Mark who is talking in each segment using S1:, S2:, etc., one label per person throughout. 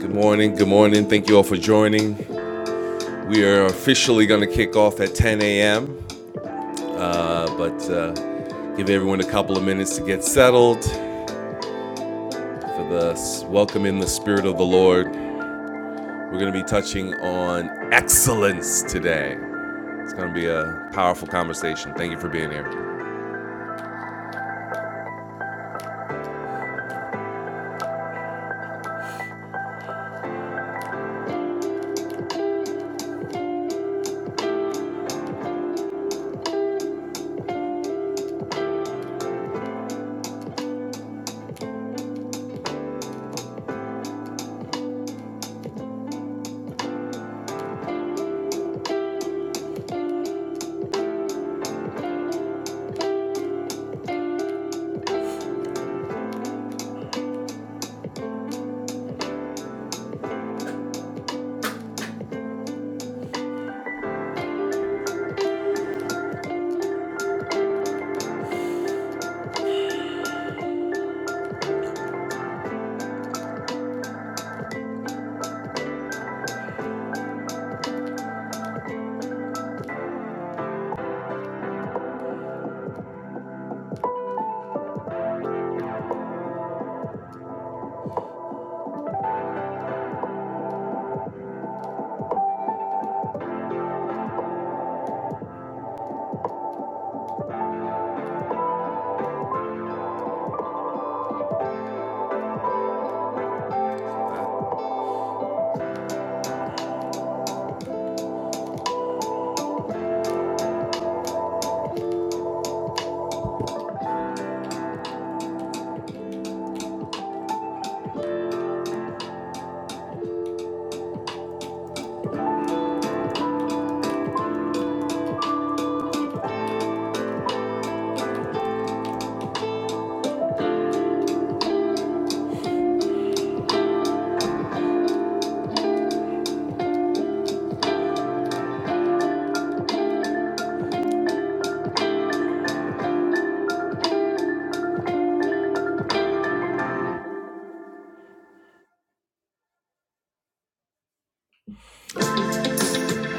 S1: Good morning. Good morning. Thank you all for joining. We are officially going to kick off at 10 a.m., uh, but uh, give everyone a couple of minutes to get settled for the s- welcome in the Spirit of the Lord. We're going to be touching on excellence today. It's going to be a powerful conversation. Thank you for being here.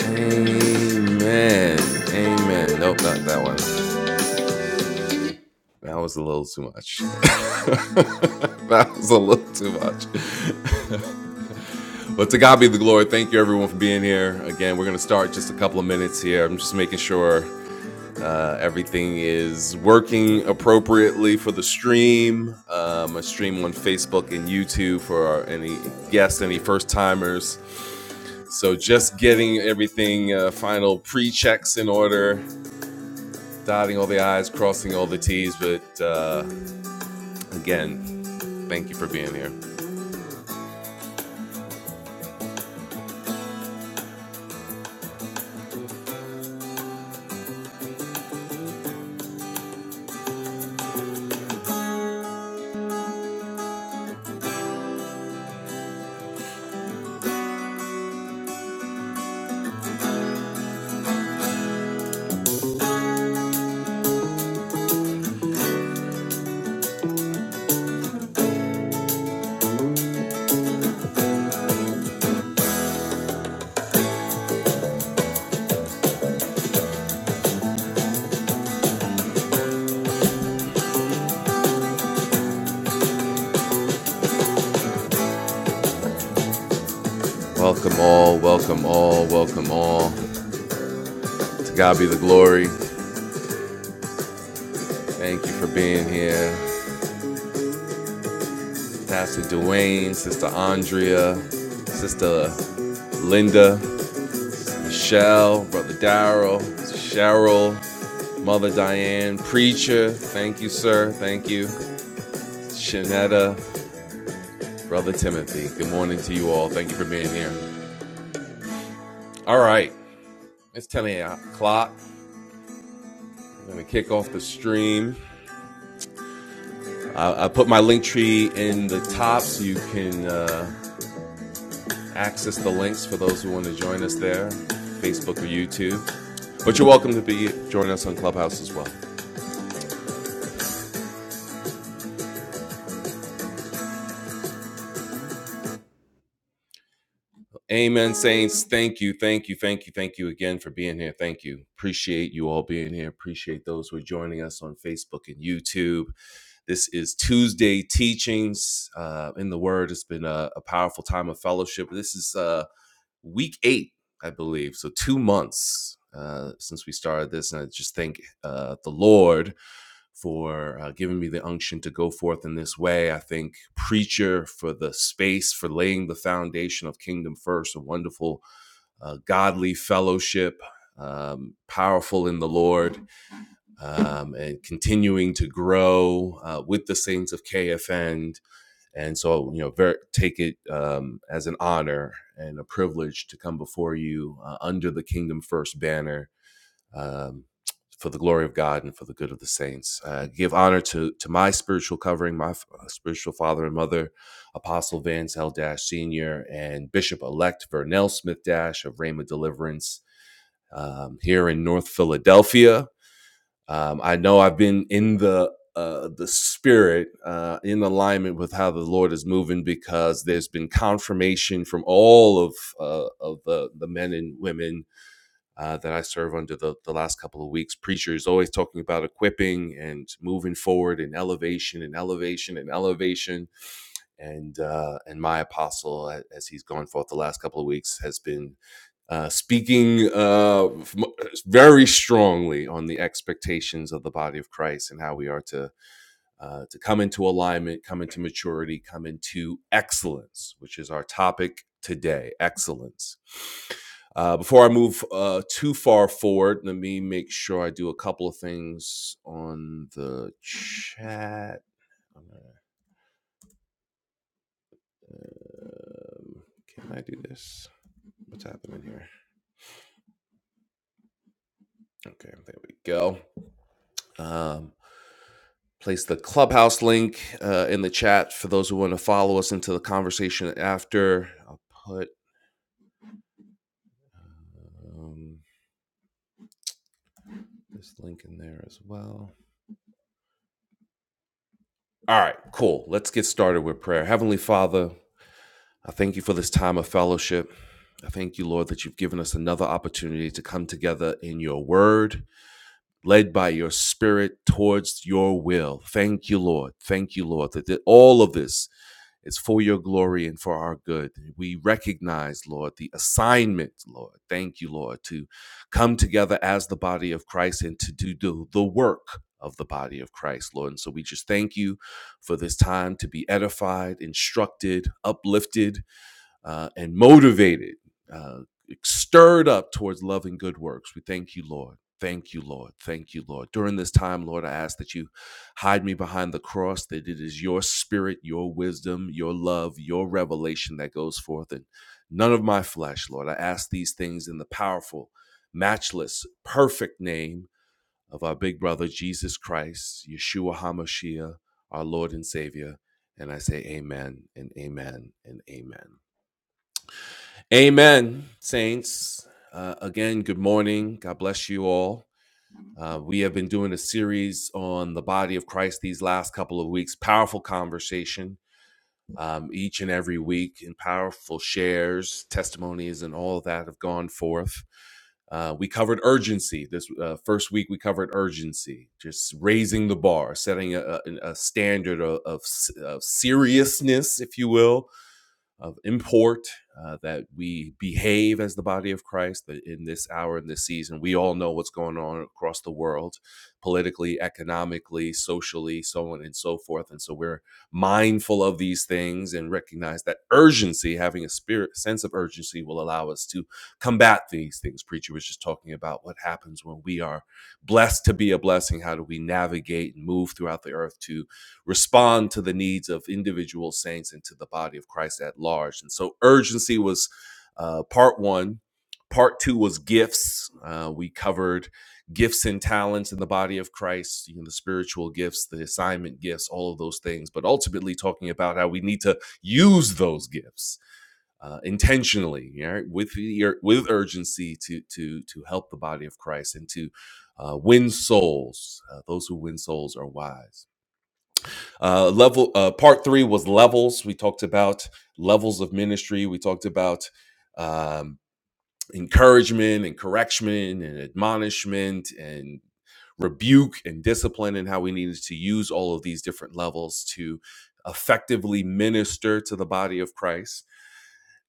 S1: Amen. Amen. Nope, not that one. That was a little too much. that was a little too much. But to God be the glory. Thank you, everyone, for being here. Again, we're going to start just a couple of minutes here. I'm just making sure uh, everything is working appropriately for the stream. Um, I stream on Facebook and YouTube for our, any guests, any first timers. So just getting everything uh, final pre checks in order, dotting all the I's, crossing all the T's. But uh, again, thank you for being here. Welcome all, welcome all, welcome all. To God be the glory. Thank you for being here. Pastor Dwayne, Sister Andrea, Sister Linda, Michelle, Brother Daryl, Cheryl, Mother Diane, Preacher. Thank you, sir. Thank you. Shanetta, Brother Timothy. Good morning to you all. Thank you for being here. All right. It's 10 o'clock. I'm going to kick off the stream. I, I put my link tree in the top so you can. Uh, access the links for those who want to join us there, Facebook or YouTube. But you're welcome to be join us on Clubhouse as well. Amen, saints. Thank you, thank you, thank you, thank you again for being here. Thank you. Appreciate you all being here. Appreciate those who are joining us on Facebook and YouTube. This is Tuesday teachings uh, in the Word. It's been a, a powerful time of fellowship. This is uh, week eight, I believe. So two months uh, since we started this, and I just thank uh, the Lord for uh, giving me the unction to go forth in this way. I think Preacher for the space, for laying the foundation of Kingdom First, a wonderful, uh, godly fellowship, um, powerful in the Lord, um, and continuing to grow uh, with the saints of KFN. And so, you know, ver- take it um, as an honor and a privilege to come before you uh, under the Kingdom First banner um, for the glory of God and for the good of the saints. Uh, give honor to to my spiritual covering, my f- uh, spiritual father and mother, Apostle Vance L. Dash Senior and Bishop Elect Vernell Smith Dash of Rhema Deliverance um, here in North Philadelphia. Um, I know I've been in the uh, the spirit uh, in alignment with how the Lord is moving because there's been confirmation from all of uh, of the, the men and women uh, that I serve under the, the last couple of weeks. Preacher is always talking about equipping and moving forward and elevation and elevation and elevation. And uh, and my apostle, as he's gone forth the last couple of weeks, has been uh, speaking uh, very strongly on the expectations of the body of Christ and how we are to uh, to come into alignment, come into maturity, come into excellence, which is our topic today excellence. Uh, before I move uh, too far forward, let me make sure I do a couple of things on the chat. Um, can I do this? What's happening here? Okay, there we go. Um, place the clubhouse link uh, in the chat for those who want to follow us into the conversation after. I'll put. um, this link in there as well. All right, cool. Let's get started with prayer. Heavenly Father, I thank you for this time of fellowship. I thank you, Lord, that you've given us another opportunity to come together in your word, led by your spirit towards your will. Thank you, Lord. Thank you, Lord, that all of this It's for your glory and for our good. We recognize, Lord, the assignment, Lord. Thank you, Lord, to come together as the body of Christ and to do, do the work of the body of Christ, Lord. And so we just thank you for this time to be edified, instructed, uplifted uh, and motivated, uh, stirred up towards love and good works. We thank you, Lord. Thank you, Lord. Thank you, Lord. During this time, Lord, I ask that you hide me behind the cross, that it is your spirit, your wisdom, your love, your revelation that goes forth, and none of my flesh, Lord. I ask these things in the powerful, matchless, perfect name of our big brother, Jesus Christ, Yeshua HaMashiach, our Lord and Savior. And I say, Amen and Amen and Amen. Amen, saints. Uh, again, good morning. God bless you all. Uh, we have been doing a series on the body of Christ these last couple of weeks. Powerful conversation um, each and every week, and powerful shares, testimonies, and all of that have gone forth. Uh, we covered urgency. This uh, first week, we covered urgency, just raising the bar, setting a, a, a standard of, of of seriousness, if you will, of import, uh, that we behave as the body of Christ that in this hour, in this season. We all know what's going on across the world, politically, economically, socially, so on and so forth. And so we're mindful of these things and recognize that urgency, having a spirit sense of urgency, will allow us to combat these things. Preacher was just talking about what happens when we are blessed to be a blessing. How do we navigate and move throughout the earth to respond to the needs of individual saints and to the body of Christ at large. And so urgency was uh, part one. Part two was gifts. Uh, we covered gifts and talents in the body of Christ, you know, the spiritual gifts, the assignment gifts, all of those things, but ultimately talking about how we need to use those gifts uh, intentionally, you know, with with urgency to to to help the body of Christ and to uh, win souls. Uh, those who win souls are wise. Uh, level uh, part three was levels. We talked about levels of ministry. We talked about um, encouragement and correction and admonishment and rebuke and discipline and how we needed to use all of these different levels to effectively minister to the body of Christ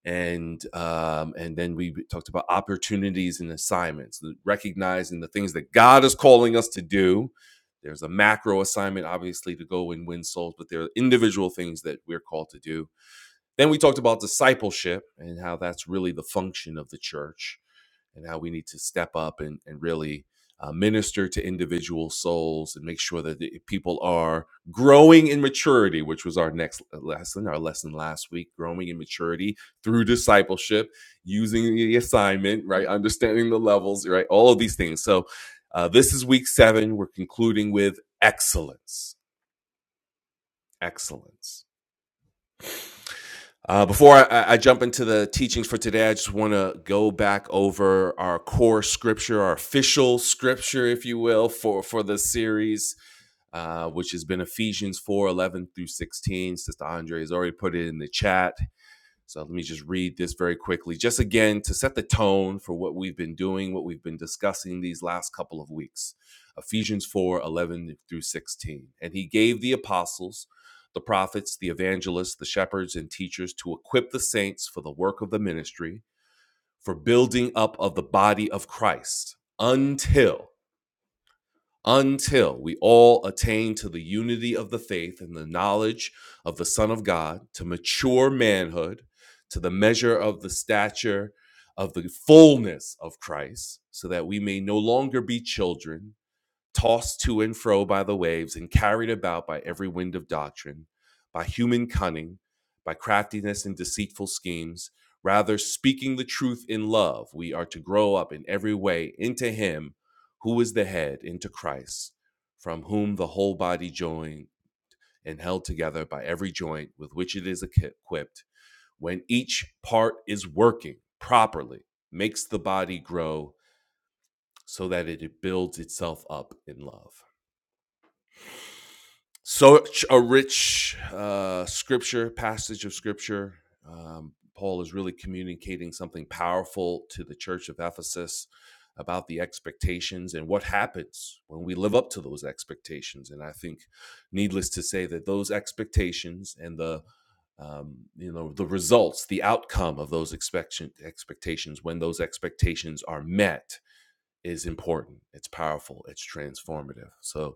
S1: and um, and then we talked about opportunities and assignments, recognizing the things that God is calling us to do. There's a macro assignment, obviously, to go and win souls, but there are individual things that we're called to do. Then we talked about discipleship and how that's really the function of the church and how we need to step up and, and really uh, minister to individual souls and make sure that the eh, people are growing in maturity, which was our next uh, lesson, our lesson last week, growing in maturity through discipleship, using the assignment, right? Understanding the levels, right? All of these things. So uh, this is week seven. We're concluding with excellence. Excellence. Uh, before I, I jump into the teachings for today, I just want to go back over our core scripture, our official scripture, if you will, for for the series, uh, which has been Ephesians four eleven through sixteen. Sister Andre has already put it in the chat. So let me just read this very quickly, just again to set the tone for what we've been doing, what we've been discussing these last couple of weeks. Ephesians 4 11 through 16. And he gave the apostles, the prophets, the evangelists, the shepherds, and teachers to equip the saints for the work of the ministry, for building up of the body of Christ until until we all attain to the unity of the faith and the knowledge of the Son of God, to mature manhood, to the measure of the stature of the fullness of Christ, so that we may no longer be children tossed to and fro by the waves and carried about by every wind of doctrine, by human cunning, by craftiness and deceitful schemes. Rather, speaking the truth in love, we are to grow up in every way into Him who is the head, into Christ, from whom the whole body joined and held together by every joint with which it is equipped, when each part is working properly, makes the body grow so that it builds itself up in love. such a rich uh, scripture passage of scripture. Um, Paul is really communicating something powerful to the church of Ephesus about the expectations and what happens when we live up to those expectations. And I think, needless to say, that those expectations and the um, you know the results, the outcome of those expect- expectations when those expectations are met is important. It's powerful. It's transformative. So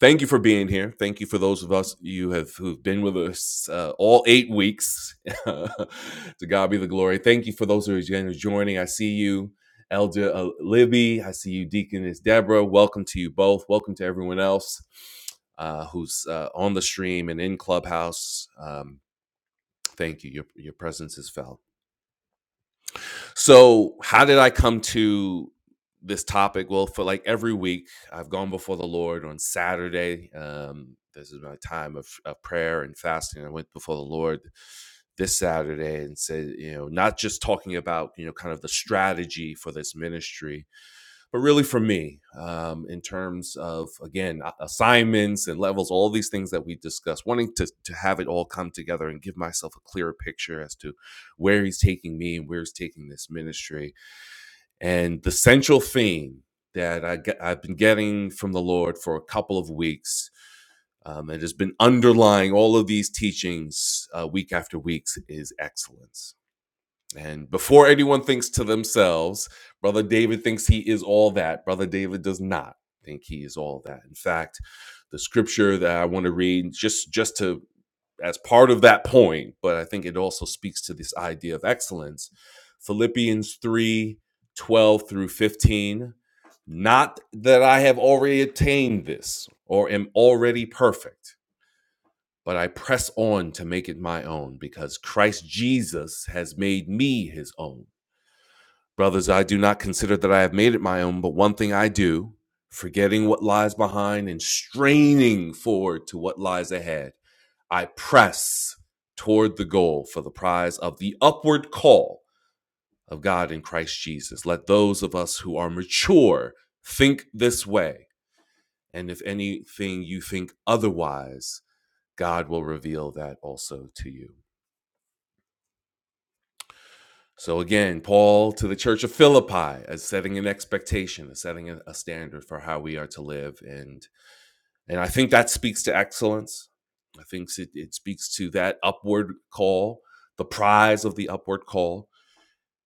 S1: Thank you for being here. Thank you for those of us you have who've been with us uh, all eight weeks. to God be the glory. Thank you for those who are joining. I see you, Elder uh, Libby. I see you, Deaconess Deborah. Welcome to you both. Welcome to everyone else uh, who's uh, on the stream and in Clubhouse. Um, thank you. Your your presence is felt. So, how did I come to this topic? Well, for like every week, I've gone before the Lord on Saturday. Um, this is my time of, of prayer and fasting. I went before the Lord this Saturday and said, you know, not just talking about, you know, kind of the strategy for this ministry, but really for me, um, in terms of, again, a- assignments and levels, all these things that we discussed, wanting to, to have it all come together and give myself a clearer picture as to where He's taking me and where He's taking this ministry and the central theme that I get, I've been getting from the Lord for a couple of weeks, um, and has been underlying all of these teachings uh, week after week, is excellence. And before anyone thinks to themselves, Brother David thinks he is all that. Brother David does not think he is all that. In fact, the scripture that I want to read, just just to as part of that point, but I think it also speaks to this idea of excellence. Philippians 3 12 through 15. Not that I have already attained this or am already perfect, but I press on to make it my own because Christ Jesus has made me his own. Brothers, I do not consider that I have made it my own, but one thing I do, forgetting what lies behind and straining forward to what lies ahead. I press toward the goal for the prize of the upward call of God in Christ Jesus. Let those of us who are mature think this way. And if anything you think otherwise, God will reveal that also to you. So again, Paul to the church of Philippi is setting an expectation, is setting a, standard for how we are to live. And and I think that speaks to excellence. I think it, it speaks to that upward call, the prize of the upward call.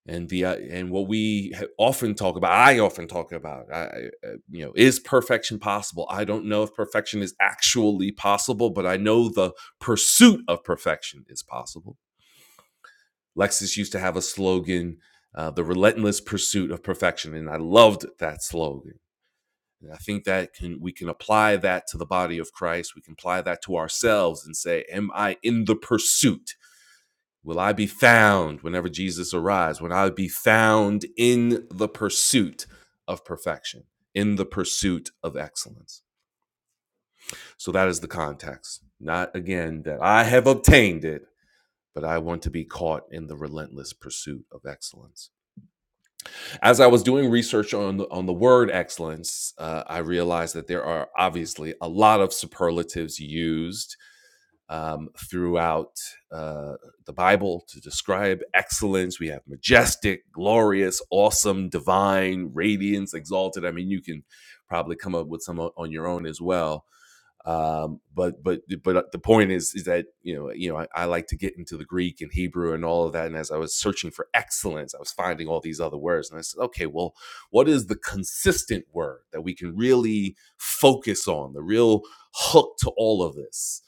S1: and the uh, and what we often talk about i often talk about I, uh, you know is perfection possible i don't know if perfection is actually possible but i know the pursuit of perfection is possible lexus used to have a slogan uh, the relentless pursuit of perfection and i loved that slogan and i think that can we can apply that to the body of christ we can apply that to ourselves and say am i in the pursuit Will I be found whenever Jesus arrives? Will I be found in the pursuit of perfection, in the pursuit of excellence. So that is the context. Not again that I have obtained it, but I want to be caught in the relentless pursuit of excellence. As I was doing research on the, on the word excellence, uh, I realized that there are obviously a lot of superlatives used um, throughout uh, the Bible to describe excellence. We have majestic, glorious, awesome, divine, radiance, exalted. I mean, you can probably come up with some on your own as well um, but but but uh, the point is is that you know you know I, I like to get into the Greek and Hebrew and all of that. And as I was searching for excellence, I was finding all these other words, and I said, okay, well, what is the consistent word that we can really focus on? The real hook to all of this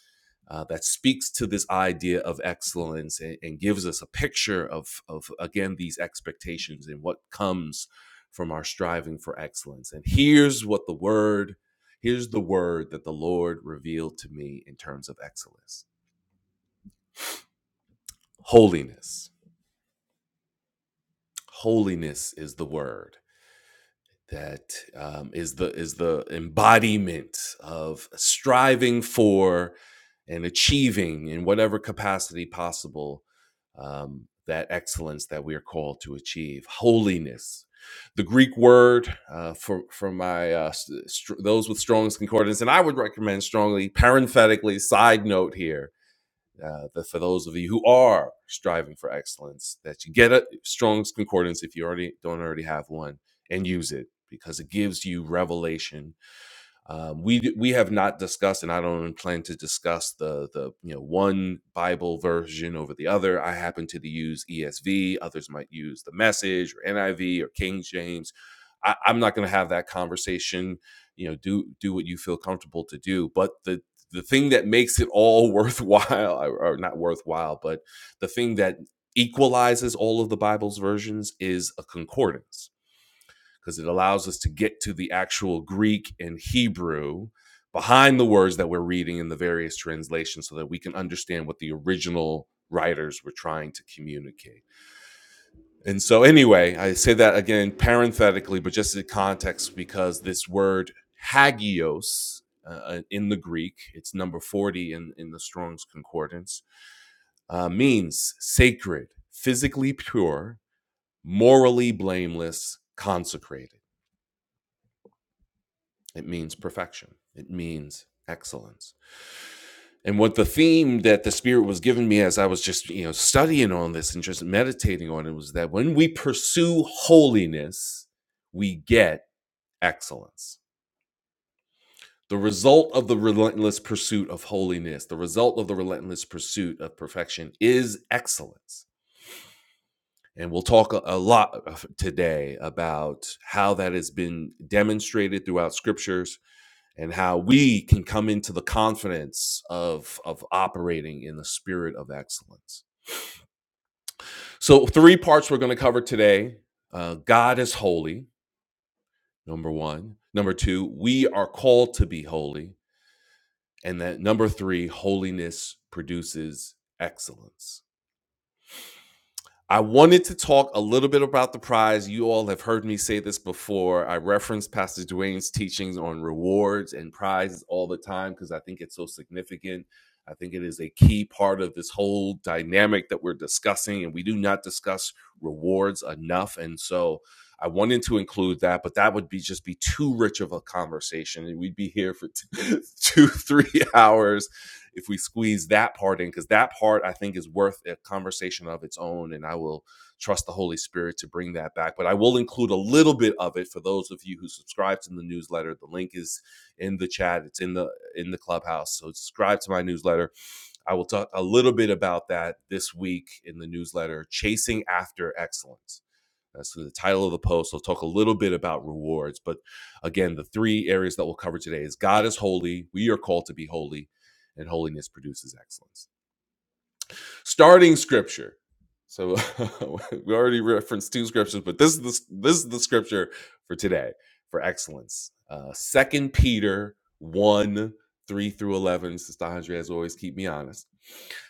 S1: uh, that speaks to this idea of excellence and, and gives us a picture of, of again these expectations and what comes from our striving for excellence. And here's what the word Here's the word that the Lord revealed to me in terms of excellence holiness. Holiness is the word that um, is the is the embodiment of striving for and achieving in whatever capacity possible um, that excellence that we are called to achieve holiness the greek word uh, for for my uh, s- those with strong's concordance and i would recommend strongly parenthetically side note here uh, the, for those of you who are striving for excellence, that you get a Strong's Concordance if you already don't already have one and use it because it gives you revelation um, we we have not discussed, and I don't plan to discuss the the you know one Bible version over the other. I happen to use ESV. Others might use the Message or NIV or King James. I, I'm not going to have that conversation. You know, do do what you feel comfortable to do. But the the thing that makes it all worthwhile, or not worthwhile, but the thing that equalizes all of the Bible's versions is a concordance because it allows us to get to the actual Greek and Hebrew behind the words that we're reading in the various translations so that we can understand what the original writers were trying to communicate. And so, anyway, I say that again parenthetically, but just in context, because this word hagios uh, uh, in the Greek, it's number 40 in, in the Strong's Concordance, uh, means sacred, physically pure, morally blameless, consecrated. It means perfection. It means excellence. And what the theme that the Spirit was giving me as I was just, you know, studying on this and just meditating on it was that when we pursue holiness, we get excellence. The result of the relentless pursuit of holiness, the result of the relentless pursuit of perfection is excellence. And we'll talk a lot today about how that has been demonstrated throughout scriptures, and how we can come into the confidence of of operating in the spirit of excellence. So three parts we're going to cover today. Uh, God is holy, number one. Number two, we are called to be holy, and that number three, holiness produces excellence. I wanted to talk a little bit about the prize. You all have heard me say this before. I reference Pastor Dwayne's teachings on rewards and prizes all the time because I think it's so significant. I think it is a key part of this whole dynamic that we're discussing, and we do not discuss rewards enough. And so I wanted to include that, but that would be just be too rich of a conversation, and we'd be here for two, two three hours if we squeeze that part in because that part i think is worth a conversation of its own and i will trust the holy spirit to bring that back but i will include a little bit of it for those of you who subscribe to the newsletter the link is in the chat it's in the in the clubhouse so subscribe to my newsletter i will talk a little bit about that this week in the newsletter chasing after excellence that's the title of the post. I'll talk a little bit about rewards. But again, the three areas that we'll cover today is God is holy, we are called to be holy, and holiness produces excellence. Starting scripture. So we already referenced two scriptures, but this is the, this is the scripture for today for excellence. Uh, Second Peter 1 3 through 11. Sister Andrea, as always, keep me honest.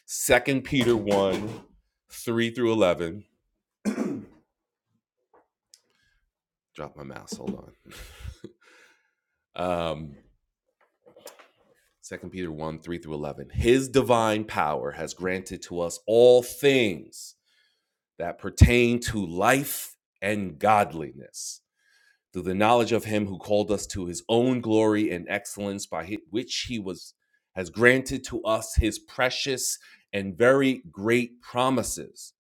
S1: Second Peter 1 3 through 11. Drop my mouse. Hold on. Um, Second Peter 1 3 through 11. His divine power has granted to us all things that pertain to life and godliness through the knowledge of him who called us to his own glory and excellence by which he was has granted to us his precious and very great promises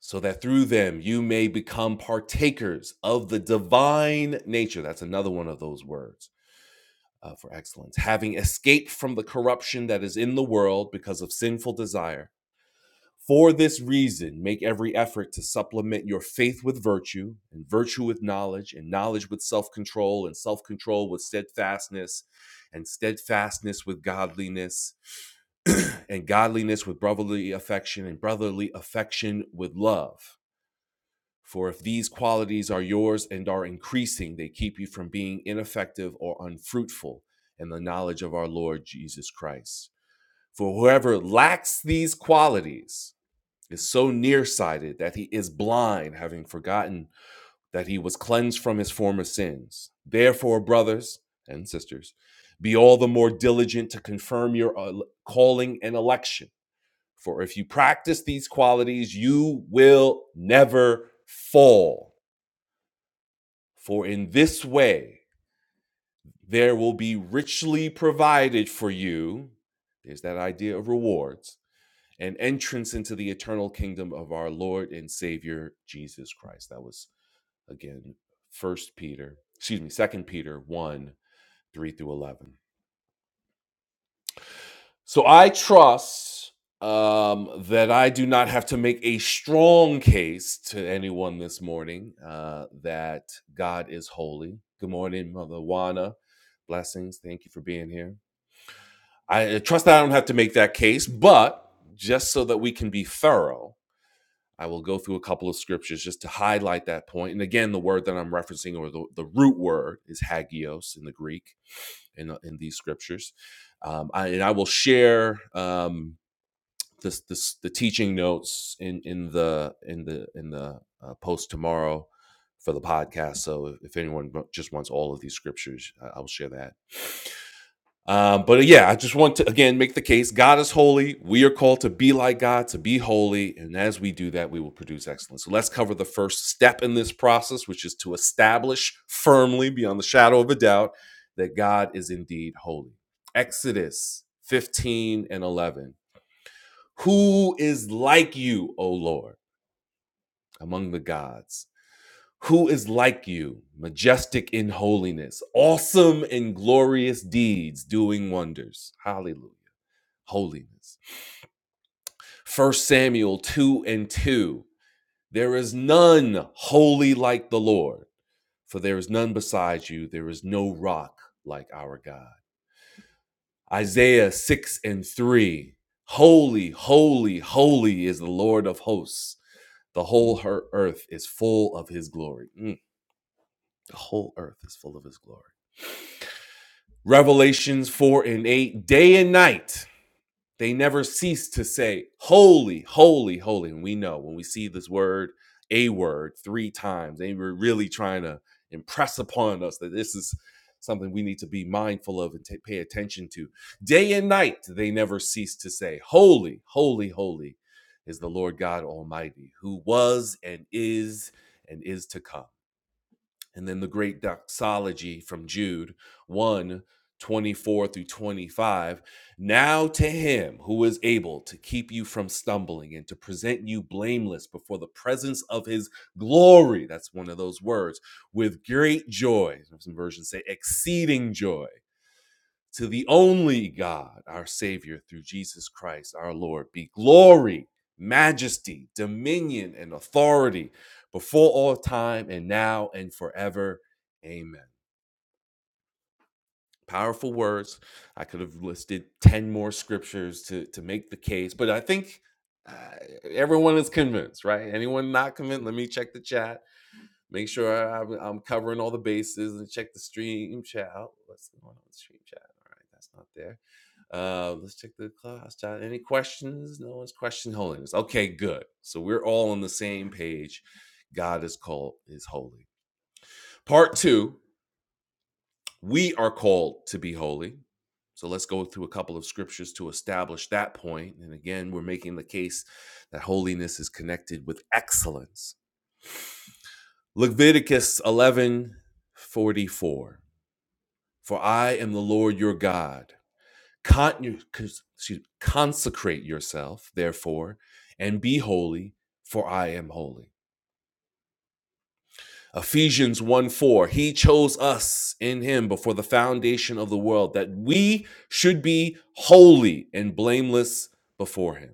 S1: so that through them you may become partakers of the divine nature that's another one of those words uh, for excellence, having escaped from the corruption that is in the world because of sinful desire. For this reason, make every effort to supplement your faith with virtue, and virtue with knowledge, and knowledge with self control, and self control with steadfastness, and steadfastness with godliness, and godliness with brotherly affection, and brotherly affection with love. For if these qualities are yours and are increasing, they keep you from being ineffective or unfruitful in the knowledge of our Lord Jesus Christ. For whoever lacks these qualities is so nearsighted that he is blind, having forgotten that he was cleansed from his former sins. Therefore, brothers and sisters, be all the more diligent to confirm your uh, calling and election. For if you practice these qualities, you will never fall. For in this way there will be richly provided for you, there's that idea of rewards, an entrance into the eternal kingdom of our Lord and Savior Jesus Christ. That was again first Peter, excuse me, second Peter 1, 3 through 11. So I trust um, that I do not have to make a strong case to anyone this morning uh, that God is holy. Good morning, Mother Juana. Blessings. Thank you for being here. I trust that I don't have to make that case, but just so that we can be thorough, I will go through a couple of scriptures just to highlight that point. And again, the word that I'm referencing or the, the root word is hagios in the Greek in, uh, in these scriptures. Um, I, and I will share um, the the, the teaching notes in in the in the in the uh, post tomorrow for the podcast. So if, anyone just wants all of these scriptures, I, I will share that. Um, but uh, yeah, I just want to again make the case: God is holy. We are called to be like God, to be holy, and as we do that, we will produce excellence. So let's cover the first step in this process, which is to establish firmly, beyond the shadow of a doubt, that God is indeed holy. Exodus fifteen and eleven. Who is like you, O Lord, among the gods? Who is like you, majestic in holiness, awesome in glorious deeds, doing wonders? Hallelujah. Holiness. First Samuel 2 and 2. There is none holy like the Lord, for there is none besides you. There is no rock like our God. Isaiah 6 and 3. Holy, holy, holy is the Lord of hosts. The whole her earth is full of his glory. Mm, the whole earth is full of his glory. Revelations 4 and 8, day and night. They never cease to say, Holy, holy, holy. And we know when we see this word, a word, three times, they were really trying to impress upon us that this is something we need to be mindful of and ta- pay attention to. Day and night, they never cease to say, Holy, holy, holy is the Lord God Almighty, who was and is and is to come and then the great doxology from Jude one 24 through 25. Now to him who is able to keep you from stumbling and to present you blameless before the presence of his glory. That's one of those words with great joy. Some versions say exceeding joy. To the only God, our Savior, through Jesus Christ our Lord, be glory, majesty, dominion, and authority before all time and now and forever. Amen. Powerful words. I could have listed 10 more scriptures to, to make the case, but I think uh, everyone is convinced, right? Anyone not convinced, let me check the chat Make sure I'm, I'm covering all the bases and check the stream chat. Oh, What's going on in the stream chat? All right, that's not there. Uh, let's check the class chat. Any questions? No one's question holiness. Okay, good. So we're all on the same page. God is called is holy. Part two, we are called to be holy. So let's go through a couple of scriptures to establish that point. And again, we're making the case that holiness is connected with excellence. Leviticus eleven forty four. For I am the Lord your God. Con- excuse- consecrate yourself, therefore, and be holy, for I am holy. Ephesians 1 4, He chose us in Him before the foundation of the world that we should be holy and blameless before Him.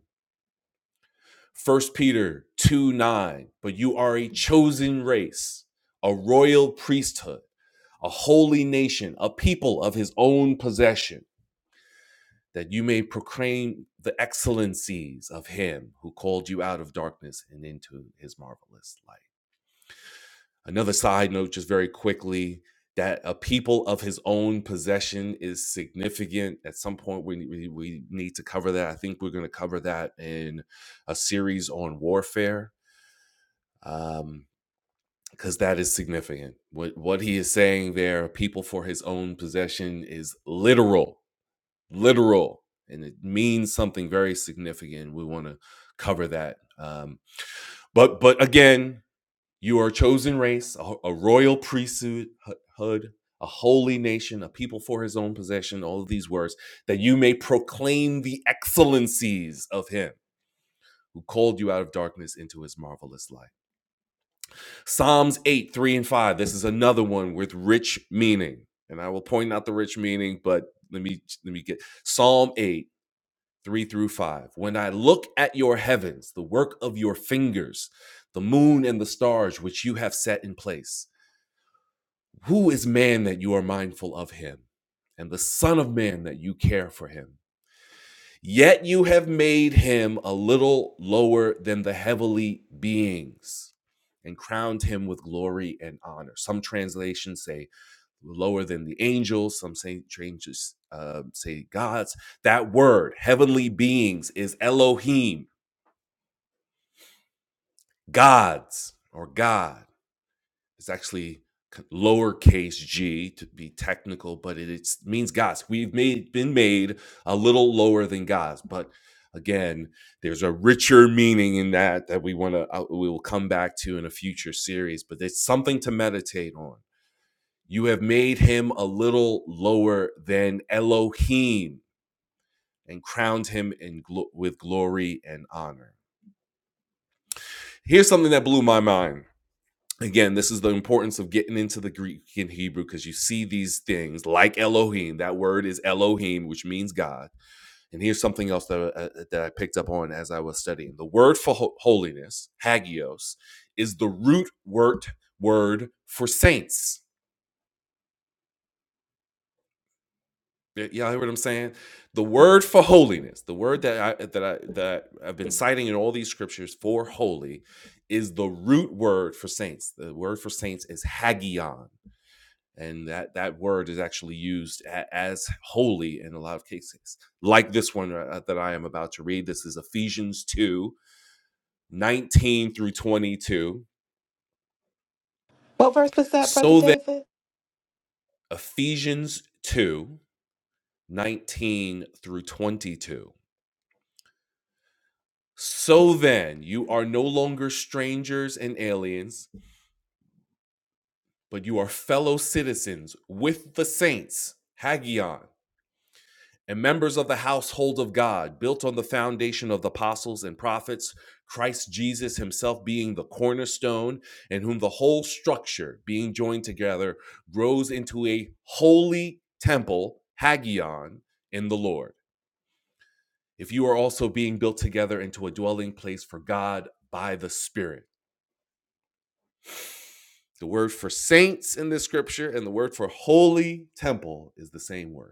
S1: First Peter 2 9, But you are a chosen race, a royal priesthood, a holy nation, a people of His own possession that you may proclaim the excellencies of him who called you out of darkness and into his marvelous light. Another side note, just very quickly, that a people of his own possession is significant. At some point, we, we, we need to cover that. I think we're going to cover that in a series on warfare. Um, because that is significant. What what he is saying there, people for his own possession, is literal literal and it means something very significant. We want to cover that. Um, but but again, you are a chosen race, a, a royal priesthood, a holy nation, a people for his own possession, all of these words, that you may proclaim the excellencies of him who called you out of darkness into his marvelous light. Psalms 8, 3 and 5. This is another one with rich meaning. And I will point out the rich meaning, but let me let me get Psalm 8 3 through 5. When I look at your heavens, the work of your fingers, the moon and the stars which you have set in place, who is man that you are mindful of him, and the Son of Man that you care for him? Yet you have made him a little lower than the heavenly beings and crowned him with glory and honor. Some translations say lower than the angels, some say changes uh, say gods. That word, heavenly beings, is Elohim. gods or God. It's actually lowercase g to be technical, but it it's, means gods. We've made been made a little lower than gods, but again, there's a richer meaning in that that we want to uh, we will come back to in a future series. But it's something to meditate on. You have made him a little lower than Elohim and crowned him in glo- with glory and honor. Here's something that blew my mind. again this is the importance of getting into the greek and hebrew because you see these things like elohim that word is elohim which means god and here's something else that, uh, uh, that i picked up on as i was studying the word for ho- holiness hagios is the root word word for saints Y- y'all hear what i'm saying the word for holiness the word that i that i that i've been citing in all these scriptures for holy is the root word for saints the word for saints is hagion and that that word is actually used a, as holy in a lot of cases like this one uh, uh, that i am about to read this is ephesians two nineteen through 22
S2: What verse was that, Brother
S1: so that
S2: David?
S1: ephesians 2 19 through 22 so then you are no longer strangers and aliens but you are fellow citizens with the saints hagion and members of the household of God, built on the foundation of the apostles and prophets, Christ Jesus himself being the cornerstone, in whom the whole structure, being joined together, grows into a holy temple, Hagion, in the Lord. If you are also being built together into a dwelling place for God by the Spirit. The word for saints in this scripture and the word for holy temple is the same word.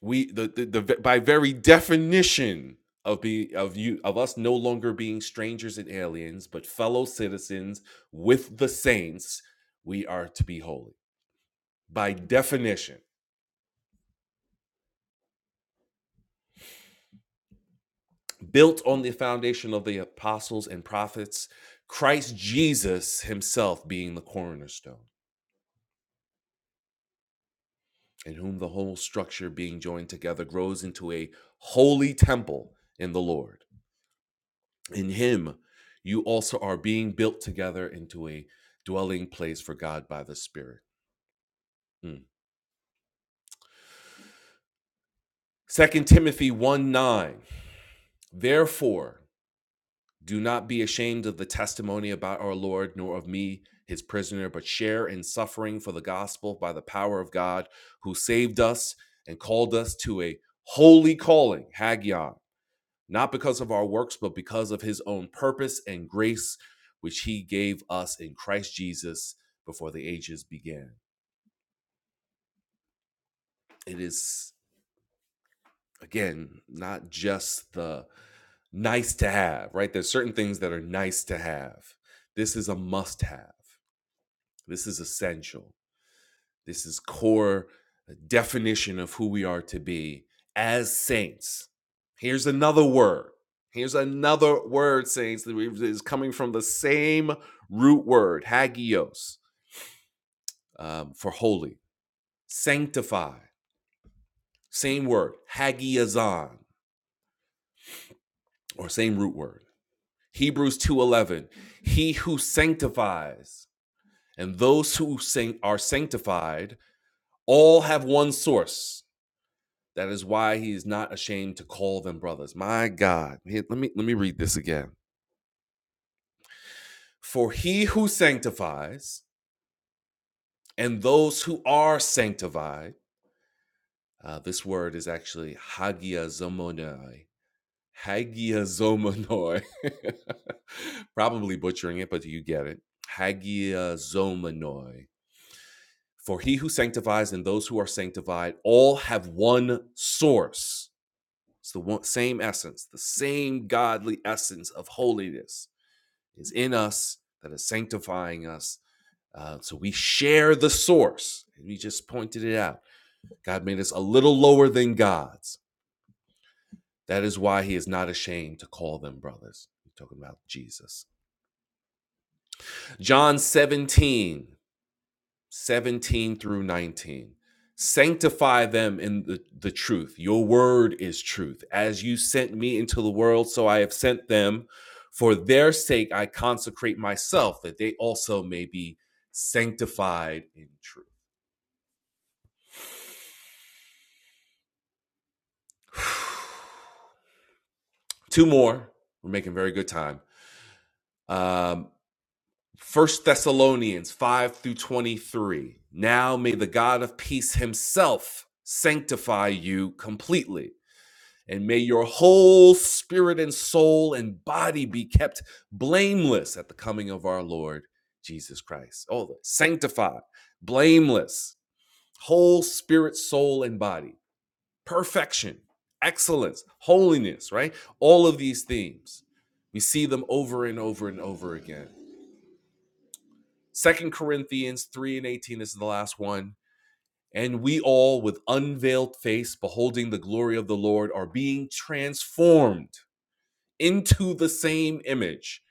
S1: we the, the the by very definition of be of you of us no longer being strangers and aliens but fellow citizens with the saints we are to be holy by definition built on the foundation of the apostles and prophets Christ Jesus himself being the cornerstone in whom the whole structure being joined together grows into a holy temple in the Lord in him you also are being built together into a dwelling place for god by the spirit Mm. 2 timothy 1 9 therefore do not be ashamed of the testimony about our lord nor of me his prisoner but share in suffering for the gospel by the power of god who saved us and called us to a holy calling hagion not because of our works, but because of his own purpose and grace, which he gave us in Christ Jesus before the ages began. It is, again, not just the nice to have, right? There's certain things that are nice to have. This is a must have, this is essential. This is core uh, definition of who we are to be as saints. Here's another word. Here's another word, saints, that is coming from the same root word, hagios, um, for holy. Sanctify, same word, hagiazon, or same root word. Hebrews 2.11, he who sanctifies and those who are sanctified all have one source. That is why he is not ashamed to call them brothers. My God. Here, let me let me read this again. For he who sanctifies and those who are sanctified, uh, this word is actually hagiazomonoi. Hagiazomonoi. Probably butchering it, but you get it. Hagiazomonoi. For he who sanctifies and those who are sanctified all have one source It's the one, same essence, the same godly essence of holiness is in us that is sanctifying us. Uh, so we share the source. And we just pointed it out. God made us a little lower than God's. That is why he is not ashamed to call them brothers. We're talking about Jesus. John 17, 17 through 19. Sanctify them in the, the truth. Your word is truth. As you sent me into the world, so I have sent them. For their sake, I consecrate myself that they also may be sanctified in truth. Two more. We're making very good time. Um, First Thessalonians 5 through 23. Now may the God of peace himself sanctify you completely And may your whole spirit and soul and body be kept blameless at the coming of our Lord Jesus Christ. Oh, sanctified, blameless, whole spirit, soul, and body, perfection, excellence, holiness, right? All of these themes. We see them over and over and over again. Second Corinthians 3 and 18 is the last one. And we all, with unveiled face, beholding the glory of the Lord, are being transformed into the same image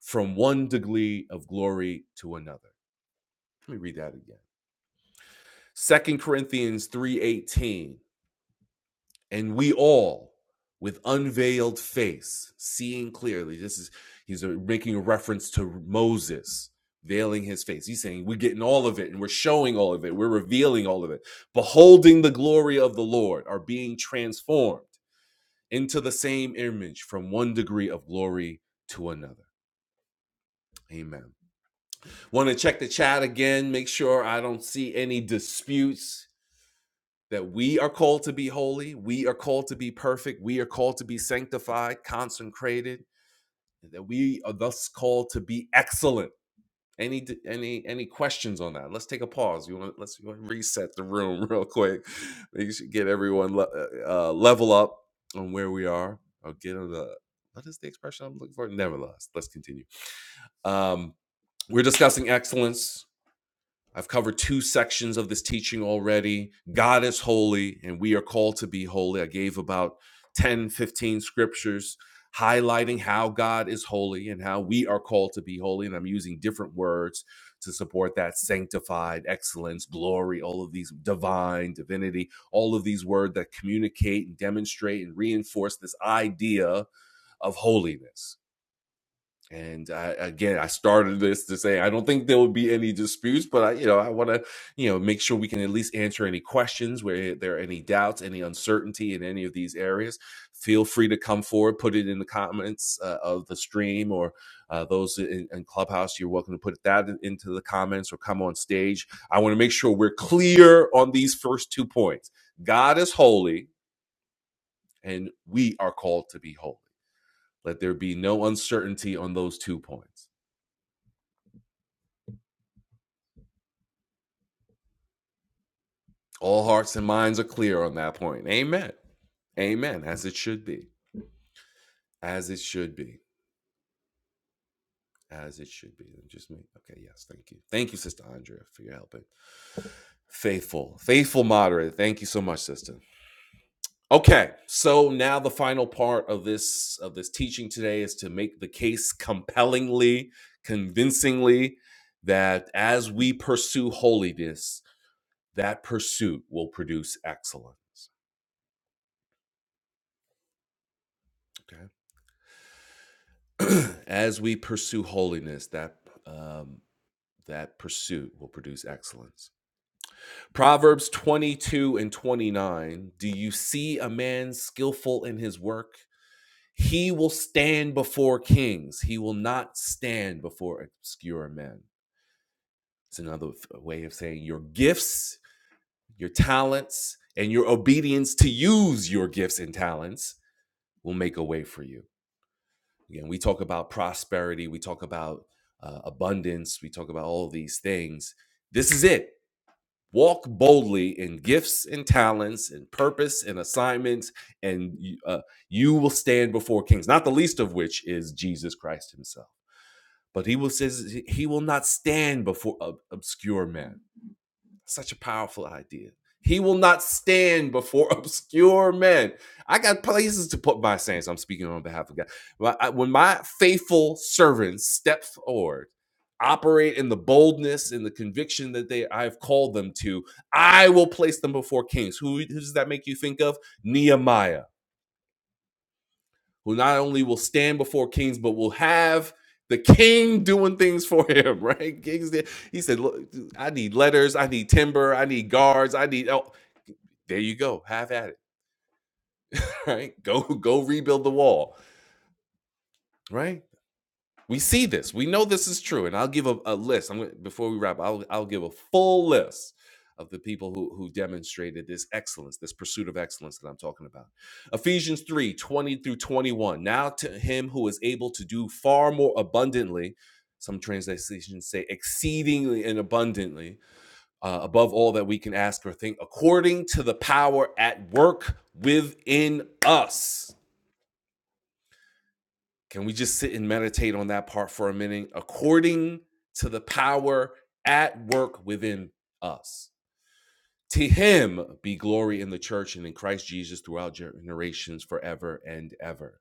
S1: from one degree of glory to another. Let me read that again. Second Corinthians 3:18, and we all with unveiled face, seeing clearly. This is he's uh, making a reference to Moses veiling his face. He's saying we're getting all of it and we're showing all of it. We're revealing all of it. Beholding the glory of the Lord are being transformed into the same image from one degree of glory to another. Amen. Want to check the chat again, make sure I don't see any disputes that we are called to be holy, we are called to be perfect, we are called to be sanctified, consecrated, that we are thus called to be excellent. Any any any questions on that? Let's take a pause. You want let's you wanna reset the room real quick. Make sure get everyone le- uh, uh, level up on where we are. Or get on the what is the expression I'm looking for? Nevertheless, let's continue. Um, we're discussing excellence I've covered two sections of this teaching already. God is holy, and we are called to be holy. I gave about 10, 15 scriptures highlighting how God is holy and how we are called to be holy. And I'm using different words to support that sanctified, excellence, glory, all of these divine, divinity, all of these words that communicate and demonstrate and reinforce this idea of holiness. And I, again, I started this to say I don't think there will be any disputes, but I, you know, I want to, you know, make sure we can at least answer any questions where there are any doubts, any uncertainty in any of these areas. Feel free to come forward, put it in the comments uh, of the stream, or uh, those in, in Clubhouse, you're welcome to put that into the comments or come on stage. I want to make sure we're clear on these first two points. God is holy, and we are called to be holy. Let there be no uncertainty on those two points. All hearts and minds are clear on that point. Amen. Amen. As it should be. As it should be. As it should be. Just me. Okay. Yes. Thank you. Thank you, Sister Andrea, for your helping. Faithful, faithful moderator. Thank you so much, Sister. Okay. So now the final part of this of this teaching today is to make the case compellingly, convincingly, that as we pursue holiness, that pursuit will produce excellence. Okay. as we pursue holiness, that um, that pursuit will produce excellence. Proverbs 22 and 29. Do you see a man skillful in his work? He will stand before kings. He will not stand before obscure men. It's another way of saying your gifts, your talents, and your obedience to use your gifts and talents will make a way for you. you know we talk about prosperity we talk about uh, abundance we talk about all these things this is it walk boldly in gifts and talents and purpose and assignments and you- uh, you will stand before kings not the least of which is jesus christ himself but he will says he will not stand before ob- obscure men such a powerful idea. He will not stand before obscure men. I got places to put my saints. I'm speaking on behalf of God. When my faithful servants step forward, operate in the boldness and the conviction that they I've called them to, I will place them before kings. Who, who does that make you think of? Nehemiah who not only will stand before kings, but will have the king doing things for him, right? Kings, there- he said, Look, I need letters, I need timber, I need guards, I need oh, there you go, have at it. Right? Go go rebuild the wall, right? We see this. We know this is true. And I'll give a, a list. I'm gonna, before we wrap. I'll I'll give a full list of the people who who demonstrated this excellence, this pursuit of excellence that I'm talking about. Ephesians 3 20 through 21. Now to him who is able to do far more abundantly, some translations say exceedingly and abundantly, uh, above all that we can ask or think, according to the power at work within us. Can we just sit and meditate on that part for a minute? According to the power at work within us. To him be glory in the church and in Christ Jesus throughout generations forever and ever.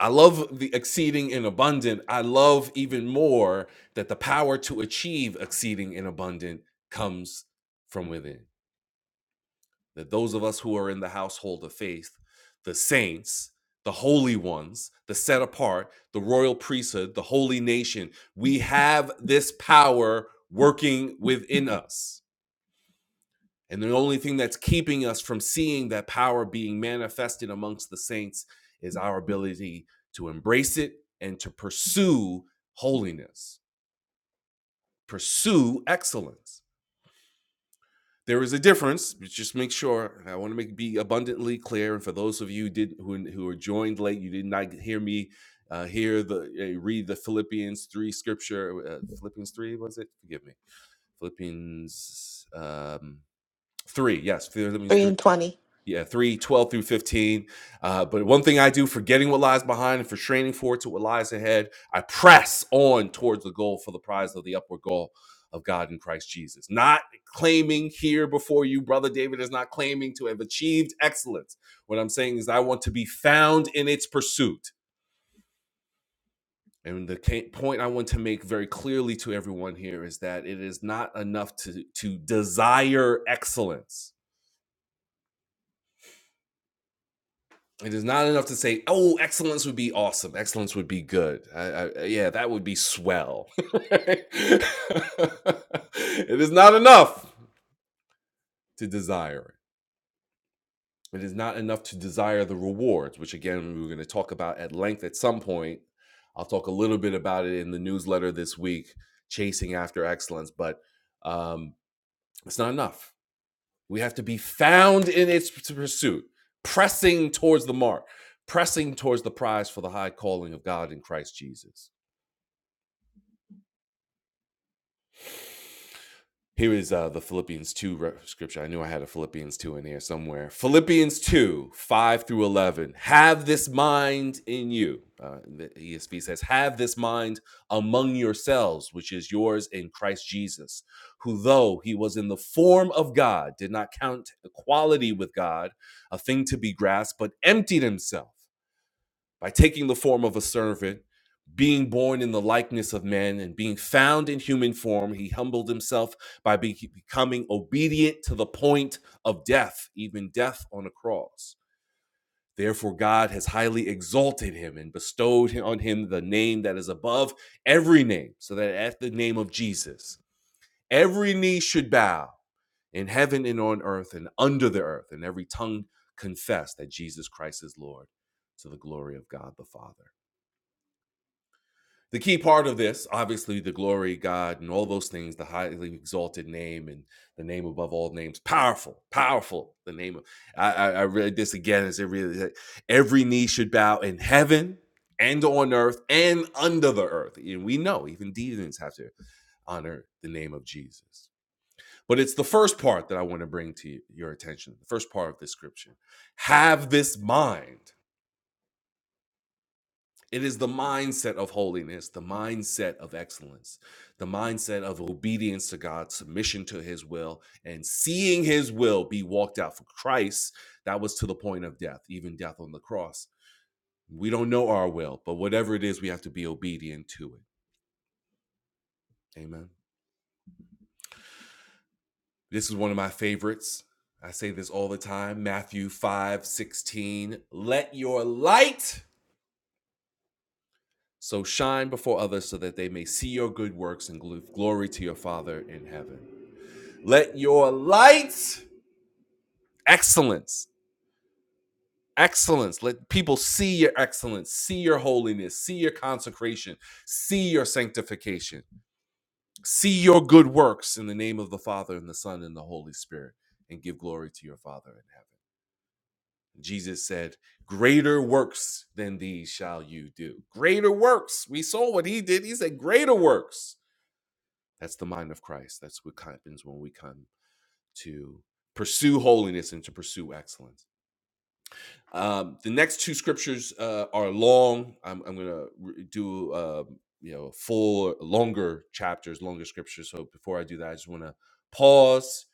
S1: I love the exceeding and abundant. I love even more that the power to achieve exceeding and abundant comes from within. that those of us who are in the household of faith, the saints, the holy ones, the set apart, the royal priesthood, the holy nation, we have this power working within us. And the only thing that's keeping us from seeing that power being manifested amongst the saints is our ability to embrace it and to pursue holiness, pursue excellence. there is a difference. Just make sure. I want to make be abundantly clear. And for those of you who did who who are joined late, you did not hear me uh, hear the uh, read the Philippians three scripture. Uh, Philippians three was it? Forgive me. Philippians um, three. Yes, Philippians three
S2: 3 and 20.
S1: yeah, 3, 12 through 15. Uh, but one thing I do, forgetting what lies behind and for straining forward to what lies ahead, I press on towards the goal for the prize of the upward goal of God in Christ Jesus. Not claiming here before you, Brother David is not claiming to have achieved excellence. What I'm saying is, I want to be found in its pursuit. And the point I want to make very clearly to everyone here is that it is not enough to, to desire excellence It is not enough to say, "Oh, excellence would be awesome. Excellence would be good. I, I, yeah, that would be swell." it is not enough to desire it. It is not enough to desire the rewards, which again we are going to talk about at length at some point. I'll talk a little bit about it in the newsletter this week, chasing after excellence, but um, it's not enough We have to be found in its pursuit, pressing towards the mark, pressing towards the prize for the high calling of God in Christ Jesus. Here is uh, the Philippians 2 scripture. I knew I had a Philippians 2 in here somewhere. Philippians 2, 5 through 11. Have this mind in you. Uh, the ESV says, Have this mind among yourselves, which is yours in Christ Jesus, who, though he was in the form of God, did not count equality with God a thing to be grasped, but emptied himself by taking the form of a servant, being born in the likeness of men, and being found in human form, he humbled himself by be- becoming obedient to the point of death, even death on a cross. Therefore, God has highly exalted him and bestowed on him the name that is above every name, so that at the name of Jesus, every knee should bow in heaven and on earth and under the earth, and every tongue confess that Jesus Christ is Lord to the glory of God the Father. the key part of this, obviously, the glory, God, and all those things, the highly exalted name and the name above all names, powerful, powerful. The name of I, I, I read this again as it really like, every knee should bow in heaven and on earth and under the earth. And we know even demons have to honor the name of Jesus. But it's the first part that I want to bring to your attention. The first part of this scripture: have this mind it is the mindset of holiness, the mindset of excellence, the mindset of obedience to God, submission to his will, and seeing his will be walked out for Christ. That was to the point of death, even death on the cross. We don't know our will, but whatever it is, we have to be obedient to it. Amen. This is one of my favorites. I say this all the time Matthew 5 16. Let your light so shine before others so that they may see your good works and gl- glory to your Father in heaven. Let your lights, excellence, excellence. Let people see your excellence, see your holiness, see your consecration, see your sanctification, see your good works in the name of the Father and the Son and the Holy Spirit, and give glory to your Father in heaven. Jesus said, Greater works than these shall you do. Greater works. We saw what he did. He said, Greater works. That's the mind of Christ. That's what happens when we come to pursue holiness and to pursue excellence. Um, the next two scriptures uh, are long. I'm, I'm going to do uh, you know full longer chapters, longer scriptures. So before I do that, I just want to pause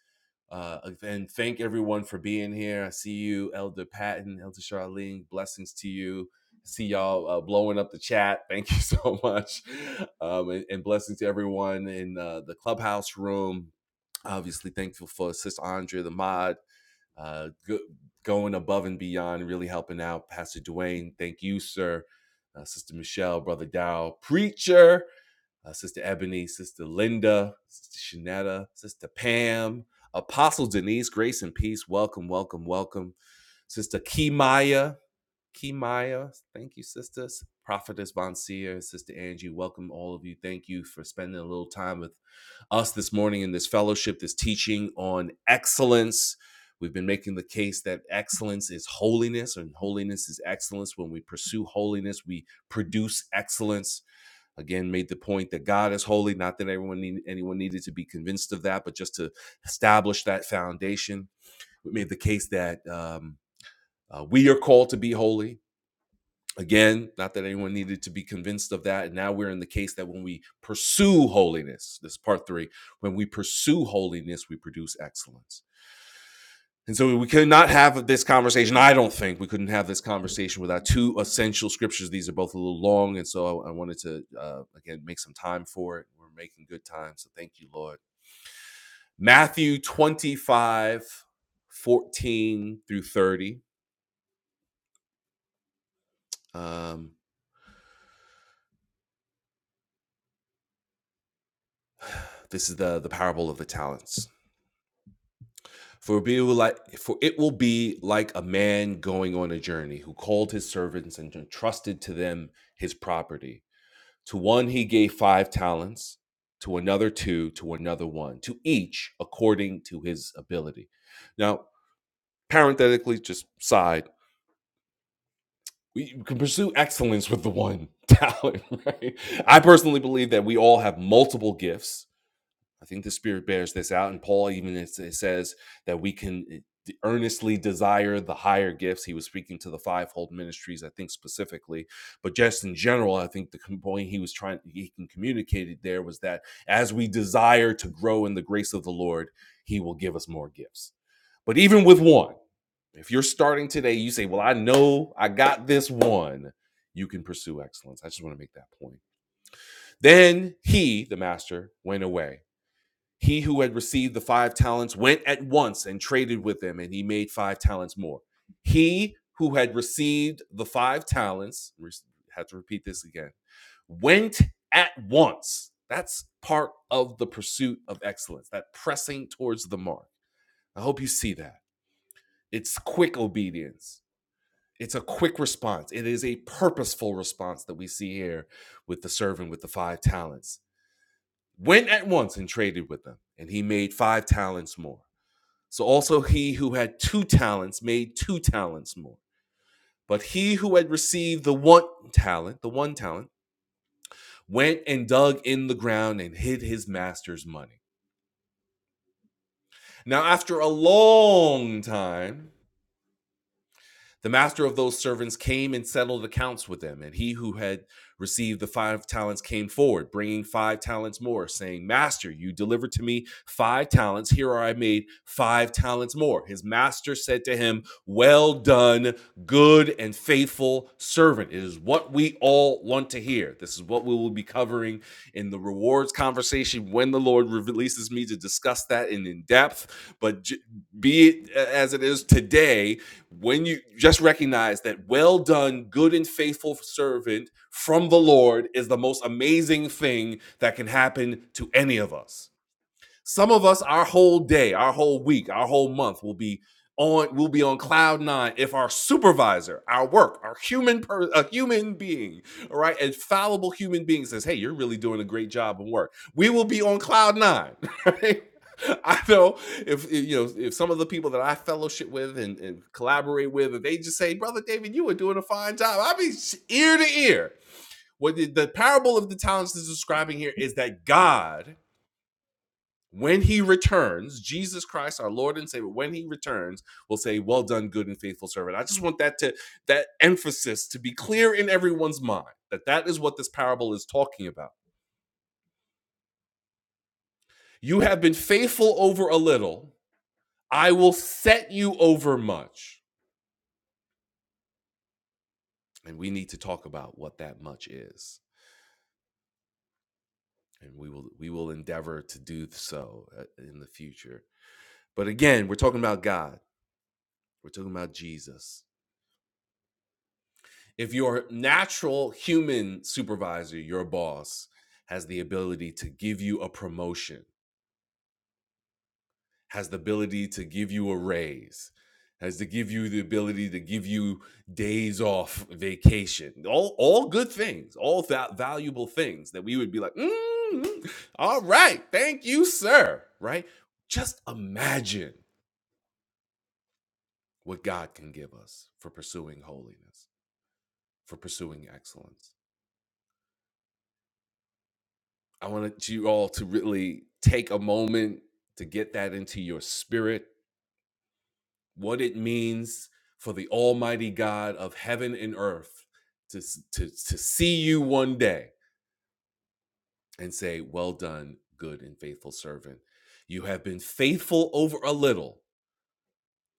S1: uh, and thank everyone for being here. I see you, Elder Patton, Elder Charlene. Blessings to you. See y'all uh, blowing up the chat. Thank you so much, um, and, and blessings to everyone in uh, the clubhouse room. Obviously, thankful for Sister Andrea, the mod uh, go, going above and beyond, really helping out. Pastor Dwayne, thank you, sir. Uh, Sister Michelle, Brother Dow, Preacher, uh, Sister Ebony, Sister Linda, Sister Shanetta, Sister Pam, Apostle Denise, Grace and Peace. Welcome, welcome, welcome. Sister Kimaya, Kimaya, thank you, sisters. Prophetess Von Seer and Sister Angie, welcome all of you. Thank you for spending a little time with us this morning in this fellowship, this teaching on excellence. We've been making the case that excellence is holiness, and holiness is excellence. When we pursue holiness, we produce excellence. Again, made the point that God is holy. Not that everyone need, anyone needed to be convinced of that, but just to establish that foundation. We made the case that um, uh, we are called to be holy Again, not that anyone needed to be convinced of that. And now we're in the case that when we pursue holiness, this is part three, when we pursue holiness, we produce excellence. And so we could not have this conversation. I don't think we couldn't have this conversation without two essential scriptures. These are both a little long. And so I, wanted to, uh, again, make some time for it. We're making good time. So thank you, Lord. Matthew 25, 14 through 30. Um, this is the, the parable of the talents. For be will like for it will be like a man going on a journey who called his servants and entrusted to them his property. To one he gave five talents, to another two, to another one, to each according to his ability. Now, parenthetically, just side, we can pursue excellence with the one talent, right? I personally believe that we all have multiple gifts I think the Spirit bears this out. And Paul even says that we can earnestly desire the higher gifts. He was speaking to the fivefold ministries, I think specifically, but just in general, I think the point he was trying he can communicate it there was that as we desire to grow in the grace of the Lord, He will give us more gifts. But even with one, if you're starting today, you say, "Well, I know I got this one." You can pursue excellence. I just want to make that point. Then he, the master, went away he who had received the five talents went at once and traded with them, and he made five talents more. He who had received the five talents, re- have to repeat this again, went at once. That's part of the pursuit of excellence, that pressing towards the mark. I hope you see that. It's quick obedience, it's a quick response. It is a purposeful response that we see here with the servant with the five talents. Went at once and traded with them, and he made five talents more. So also he who had two talents made two talents more. But he who had received the one talent, the one talent, went and dug in the ground and hid his master's money. Now, after a long time, The master of those servants came and settled accounts with them. And he who had received the five talents came forward, bringing five talents more, saying, Master, you delivered to me five talents. Here are I made five talents more. His master said to him, Well done, good and faithful servant. It is what we all want to hear. This is what we will be covering in the rewards conversation when the Lord releases me to discuss that in, in depth. But be it as it is today, when you just recognize that well done, good and faithful servant from the Lord is the most amazing thing that can happen to any of us. Some of us, our whole day, our whole week, our whole month will be on will be on cloud nine if our supervisor, our work, our human per, a human being, all right, a fallible human being says, "Hey, you're really doing a great job in work." We will be on cloud nine, right? I know if you know if some of the people that I fellowship with and, and collaborate with, if they just say, "Brother David, you are doing a fine job," I be ear to ear. What the, the parable of the talents is describing here is that God when he returns, Jesus Christ, our Lord and Savior, when he returns, will say, Well done, good and faithful servant. I just want that to that emphasis to be clear in everyone's mind that that is what this parable is talking about. You have been faithful over a little, I will set you over much. And we need to talk about what that much is. And we will we will endeavor to do so uh, in the future. But again, we're talking about God. We're talking about Jesus. if your natural human supervisor, your boss, has the ability to give you a promotion, has the ability to give you a raise, has to give you the ability to give you days off, vacation, all all good things, all that valuable things that we would be like, "Mm, all right, thank you, sir. Right? Just imagine what God can give us for pursuing holiness, for pursuing excellence. I wanted you all to really take a moment to get that into your spirit, what it means for the Almighty God of heaven and earth to, to, to see you one day and say, Well done, good and faithful servant. You have been faithful over a little.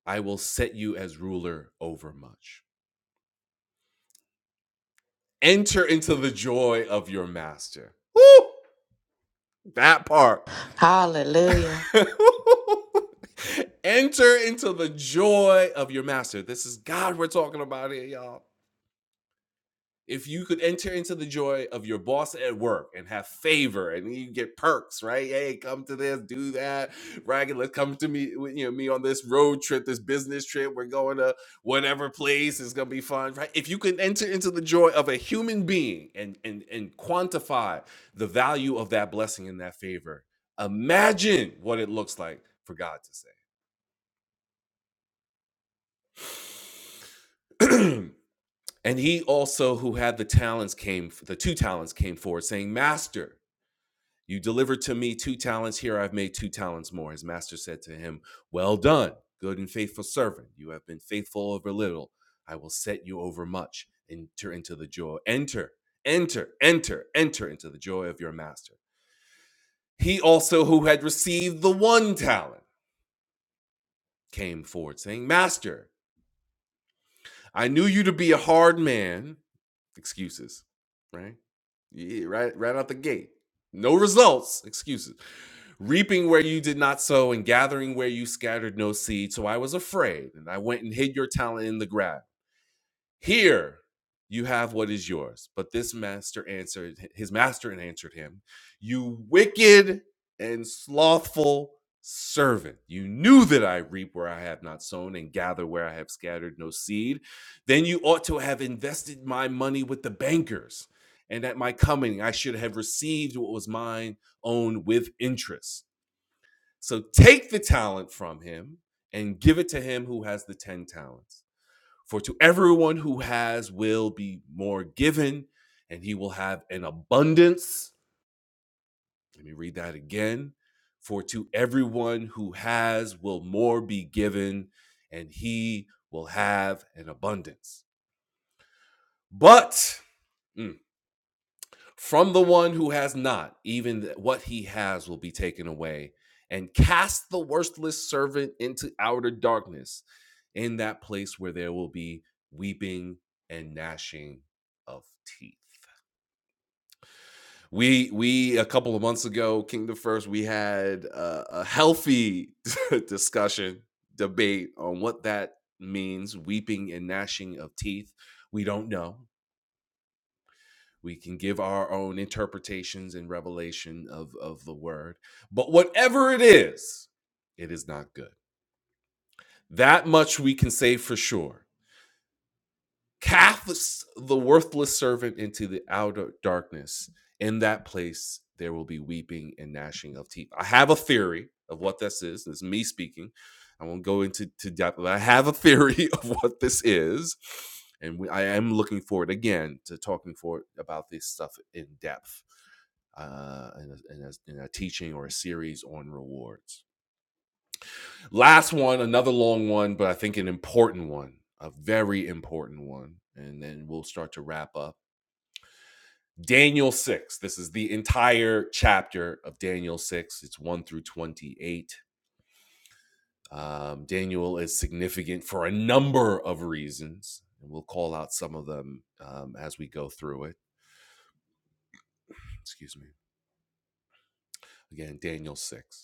S1: I will set you as ruler over much. Enter into the joy of your master. Woo! That part.
S2: Hallelujah.
S1: Enter into the joy of your master. This is God we're talking about here, y'all if you could enter into the joy of your boss at work and have favor and you get perks, right? Hey, come to this, do that, right? let's come to me, you know, me on this road trip, this business trip. We're going to whatever place. It's gonna be fun, right? If you could enter into the joy of a human being and and and quantify the value of that blessing and that favor, imagine what it looks like for God to say. and he also who had the talents came the two talents came forward saying master You delivered to me two talents here, I've made two talents more. His master said to him, Well done, good and faithful servant. You have been faithful over little. I will set you over much. Enter into the joy. Enter, enter, enter, enter into the joy of your master. He also, who had received the one talent, came forward, saying, Master, I knew you to be a hard man. Excuses, right? Yeah, right, right out the gate. No results, excuses. Reaping where you did not sow and gathering where you scattered no seed. So I was afraid and I went and hid your talent in the ground. Here you have what is yours. But this master answered, his master answered him, You wicked and slothful servant. You knew that I reap where I have not sown and gather where I have scattered no seed. Then you ought to have invested my money with the bankers. And at my coming, I should have received what was mine own with interest. So take the talent from him and give it to him who has the 10 talents. For to everyone who has will be more given, and he will have an abundance. Let me read that again. For to everyone who has will more be given, and he will have an abundance. But, mm, from the one who has not, even what he has will be taken away, and cast the worthless servant into outer darkness, in that place where there will be weeping and gnashing of teeth. We we a couple of months ago, Kingdom First, we had a, a healthy discussion debate on what that means, weeping and gnashing of teeth. We don't know. we can give our own interpretations and revelation of, of the word. But whatever it is, it is not good. That much we can say for sure casts the worthless servant into the outer darkness. In that place, there will be weeping and gnashing of teeth. I have a theory of what this is. This is me speaking. I won't go into to depth, but I have a theory of what this is. And we, I am looking forward again to talking for about this stuff in depth uh, in, a, in, a, in a teaching or a series on rewards. Last one, another long one, but I think an important one, a very important one. And then we'll start to wrap up. Daniel 6. This is the entire chapter of Daniel 6. It's 1 through 28. Um, Daniel is significant for a number of reasons, and we'll call out some of them um, as we go through it. Excuse me. Again, Daniel 6.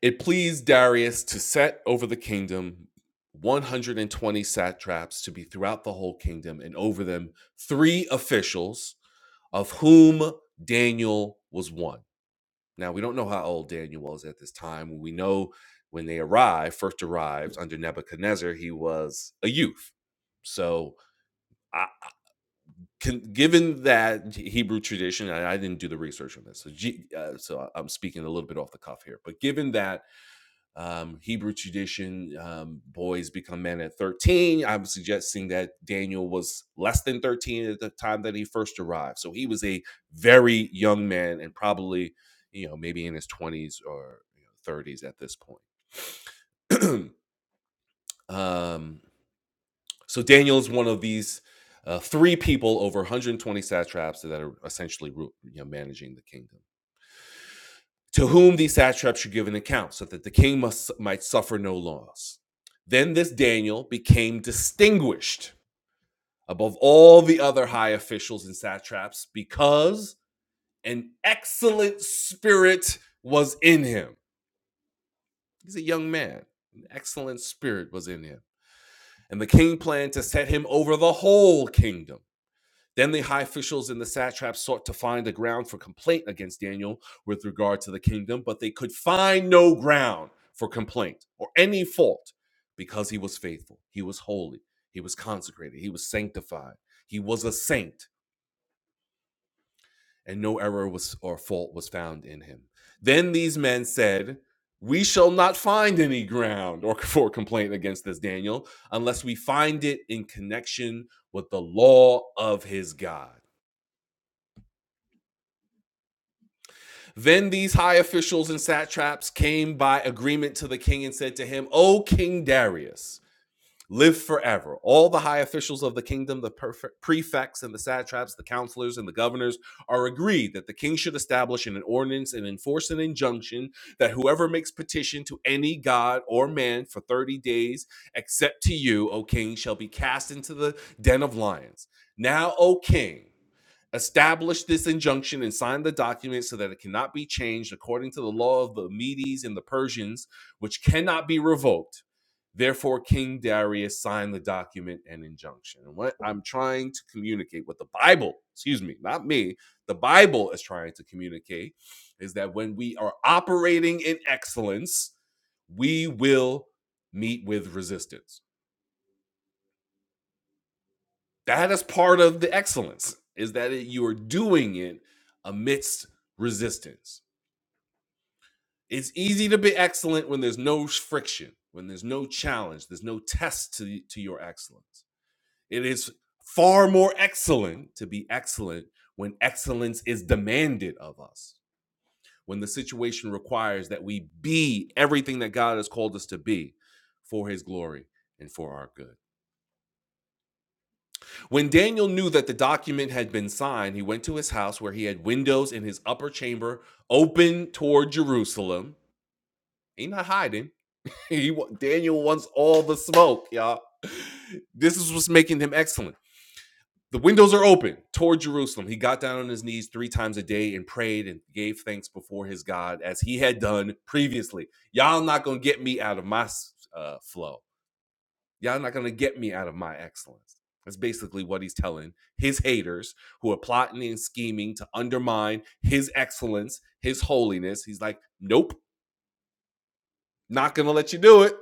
S1: It pleased Darius to set over the kingdom 120 satraps to be throughout the whole kingdom, and over them three officials, of whom Daniel was one. Now, we don't know how old Daniel was at this time. We know when they arrived, first arrived under Nebuchadnezzar, he was a youth. So, I, can, given that Hebrew tradition, and I didn't do the research on this, so, G, uh, so I'm speaking a little bit off the cuff here, but given that um, Hebrew tradition, um, boys become men at 13. I'm suggesting that Daniel was less than 13 at the time that he first arrived. So he was a very young man and probably, you know, maybe in his 20s or you know, 30s at this point. um, so Daniel is one of these uh, three people over 120 satraps that are essentially you know, managing the kingdom. to whom these satraps should give an account, so that the king must, might suffer no loss. Then this Daniel became distinguished above all the other high officials and satraps because an excellent spirit was in him. He's a young man, an excellent spirit was in him. And the king planned to set him over the whole kingdom Then the high officials and the satraps sought to find a ground for complaint against Daniel with regard to the kingdom, but they could find no ground for complaint or any fault because he was faithful, he was holy, he was consecrated, he was sanctified, he was a saint, and no error was or fault was found in him. Then these men said, "We shall not find any ground or for complaint against this Daniel unless we find it in connection with the law of his God." Then these high officials and satraps came by agreement to the king and said to him, O King Darius, live forever. All the high officials of the kingdom, the prefects and the satraps, the counselors and the governors, are agreed that the king should establish an ordinance and enforce an injunction that whoever makes petition to any god or man for 30 days, except to you, O king, shall be cast into the den of lions. Now, O king, establish this injunction and sign the document so that it cannot be changed according to the law of the Medes and the Persians, which cannot be revoked Therefore, King Darius signed the document and injunction. And what I'm trying to communicate, what the Bible, excuse me, not me, the Bible is trying to communicate is that when we are operating in excellence, we will meet with resistance. That is part of the excellence, is that you are doing it amidst resistance. It's easy to be excellent when there's no friction, when there's no challenge, there's no test to, to your excellence It is far more excellent to be excellent when excellence is demanded of us, when the situation requires that we be everything that God has called us to be for his glory and for our good. When Daniel knew that the document had been signed, he went to his house where he had windows in his upper chamber open toward Jerusalem. He not hiding. He Daniel wants all the smoke, y'all. This is what's making him excellent. the windows are open toward Jerusalem. He got down on his knees three times a day and prayed and gave thanks before his God as he had done previously. Y'all not gonna get me out of my uh, flow. Y'all not gonna get me out of my excellence. That's basically what he's telling his haters who are plotting and scheming to undermine his excellence, his holiness. He's like, nope, not gonna let you do it.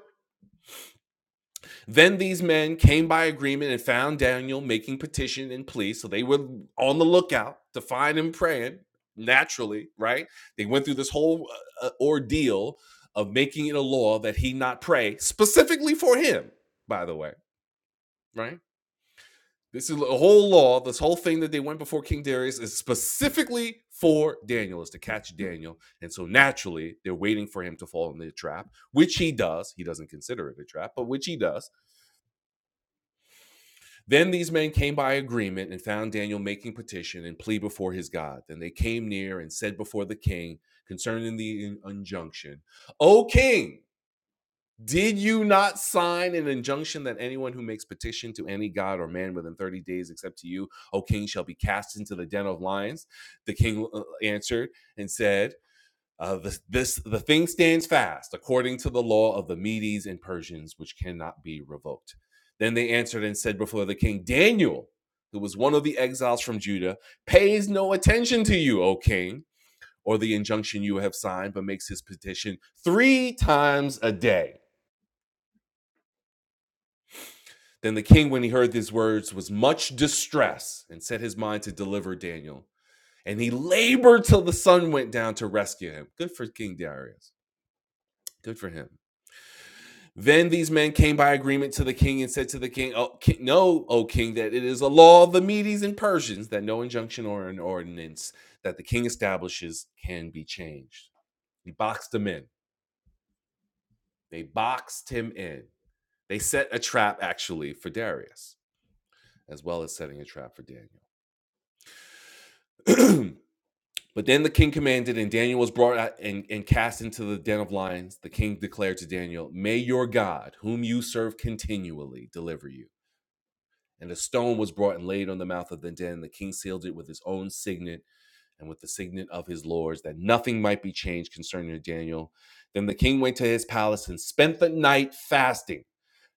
S1: Then these men came by agreement and found Daniel making petition and plea. So they were on the lookout to find him praying naturally, right? They went through this whole uh, uh, ordeal of making it a law that he not pray specifically for him, by the way, right? This is a whole law, this whole thing that they went before King Darius is specifically for Daniel, is to catch Daniel. And so naturally, they're waiting for him to fall in the trap, which he does. He doesn't consider it a trap, but which he does Then these men came by agreement and found Daniel making petition and plea before his God. Then they came near and said before the king concerning the injunction, O king, did you not sign an injunction that anyone who makes petition to any god or man within 30 days except to you, O king, shall be cast into the den of lions? The king uh, answered and said, uh, this, this the thing stands fast according to the law of the Medes and Persians, which cannot be revoked. Then they answered and said before the king, Daniel, who was one of the exiles from Judah, pays no attention to you, O king, or the injunction you have signed, but makes his petition three times a day. Then the king, when he heard these words, was much distressed and set his mind to deliver Daniel. And he labored till the sun went down to rescue him. Good for King Darius. Good for him. Then these men came by agreement to the king and said to the king, oh, ki- Know, O king, that it is a law of the Medes and Persians that no injunction or an ordinance that the king establishes can be changed. He boxed them in. They boxed him in. They set a trap, actually, for Darius, as well as setting a trap for Daniel. but then the king commanded, and Daniel was brought out and, and cast into the den of lions. The king declared to Daniel, May your God, whom you serve continually, deliver you. And a stone was brought and laid on the mouth of the den. The king sealed it with his own signet and with the signet of his lords, that nothing might be changed concerning Daniel. Then the king went to his palace and spent the night fasting.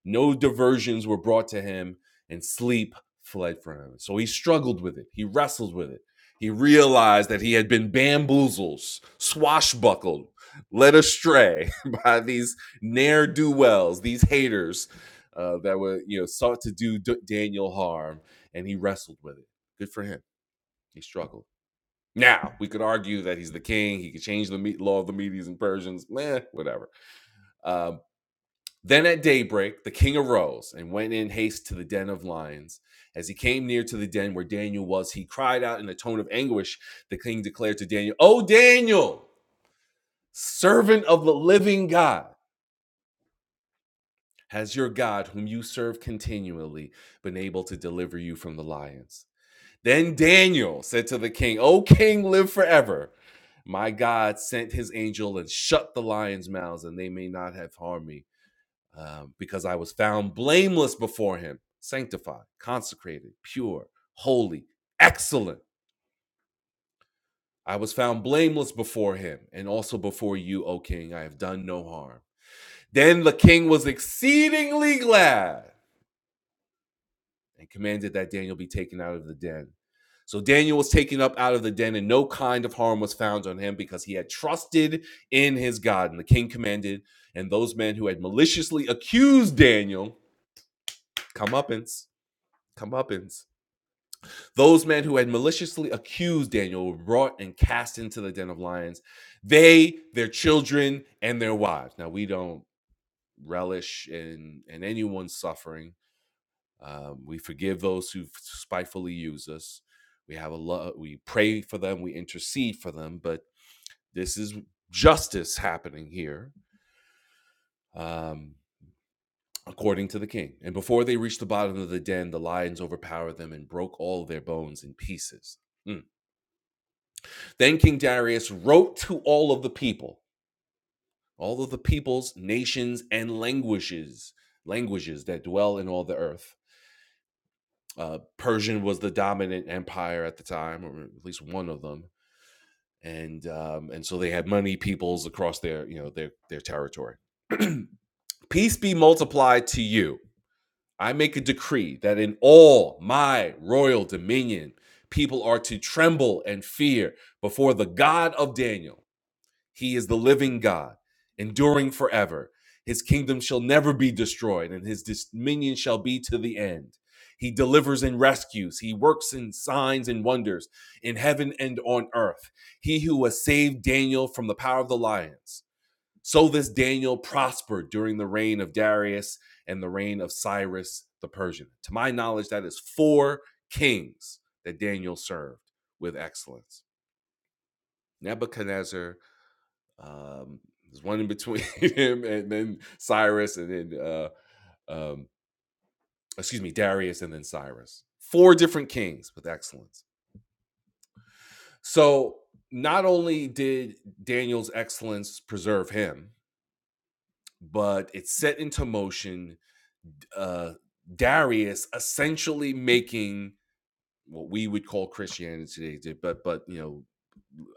S1: No diversions were brought to him, and sleep fled from him. So he struggled with it. He wrestled with it. He realized that he had been bamboozled, swashbuckled, led astray by these ne'er do wells, these haters uh, that were, you know, sought to do D- Daniel harm, and he wrestled with it. Good for him. He struggled. Now we could argue that he's the king. He could change the me- law of the Medes and Persians. Meh, whatever. Um, then at daybreak, the king arose and went in haste to the den of lions. As he came near to the den where Daniel was, he cried out in a tone of anguish. The king declared to Daniel, O Daniel, servant of the living God, has your God, whom you serve continually, been able to deliver you from the lions? Then Daniel said to the king, O king, live forever. My God sent his angel and shut the lions' mouths, and they may not have harmed me. um, because I was found blameless before him, sanctified, consecrated, pure, holy, excellent. I was found blameless before him and also before you, O king. I have done no harm. Then the king was exceedingly glad and commanded that Daniel be taken out of the den. So Daniel was taken up out of the den, and no kind of harm was found on him because he had trusted in his God. And the king commanded, and those men who had maliciously accused Daniel, comeuppance, comeuppance Those men who had maliciously accused Daniel were brought and cast into the den of lions. They, their children, and their wives. Now, we don't relish in, in anyone's suffering. Um, we forgive those who spitefully use us. We have a love. We pray for them. We intercede for them. But this is justice happening here, um, according to the king. And before they reached the bottom of the den, the lions overpowered them and broke all their bones in pieces. Mm. Then King Darius wrote to all of the people, all of the peoples, nations, and languages, languages that dwell in all the earth. Uh, Persian was the dominant empire at the time, or at least one of them, and um, and so they had many peoples across their you know their their territory. Peace be multiplied to you. I make a decree that in all my royal dominion, people are to tremble and fear before the God of Daniel He is the living God, enduring forever. His kingdom shall never be destroyed, and his dominion shall be to the end. He delivers and rescues. He works in signs and wonders in heaven and on earth. He who has saved Daniel from the power of the lions. So this Daniel prospered during the reign of Darius and the reign of Cyrus the Persian. To my knowledge, that is four kings that Daniel served with excellence Nebuchadnezzar, um, there's one in between him and then Cyrus, and then uh, um, excuse me, Darius, and then Cyrus. Four different kings with excellence. So not only did Daniel's excellence preserve him, but it set into motion uh, Darius essentially making what we would call Christianity today, but but you know,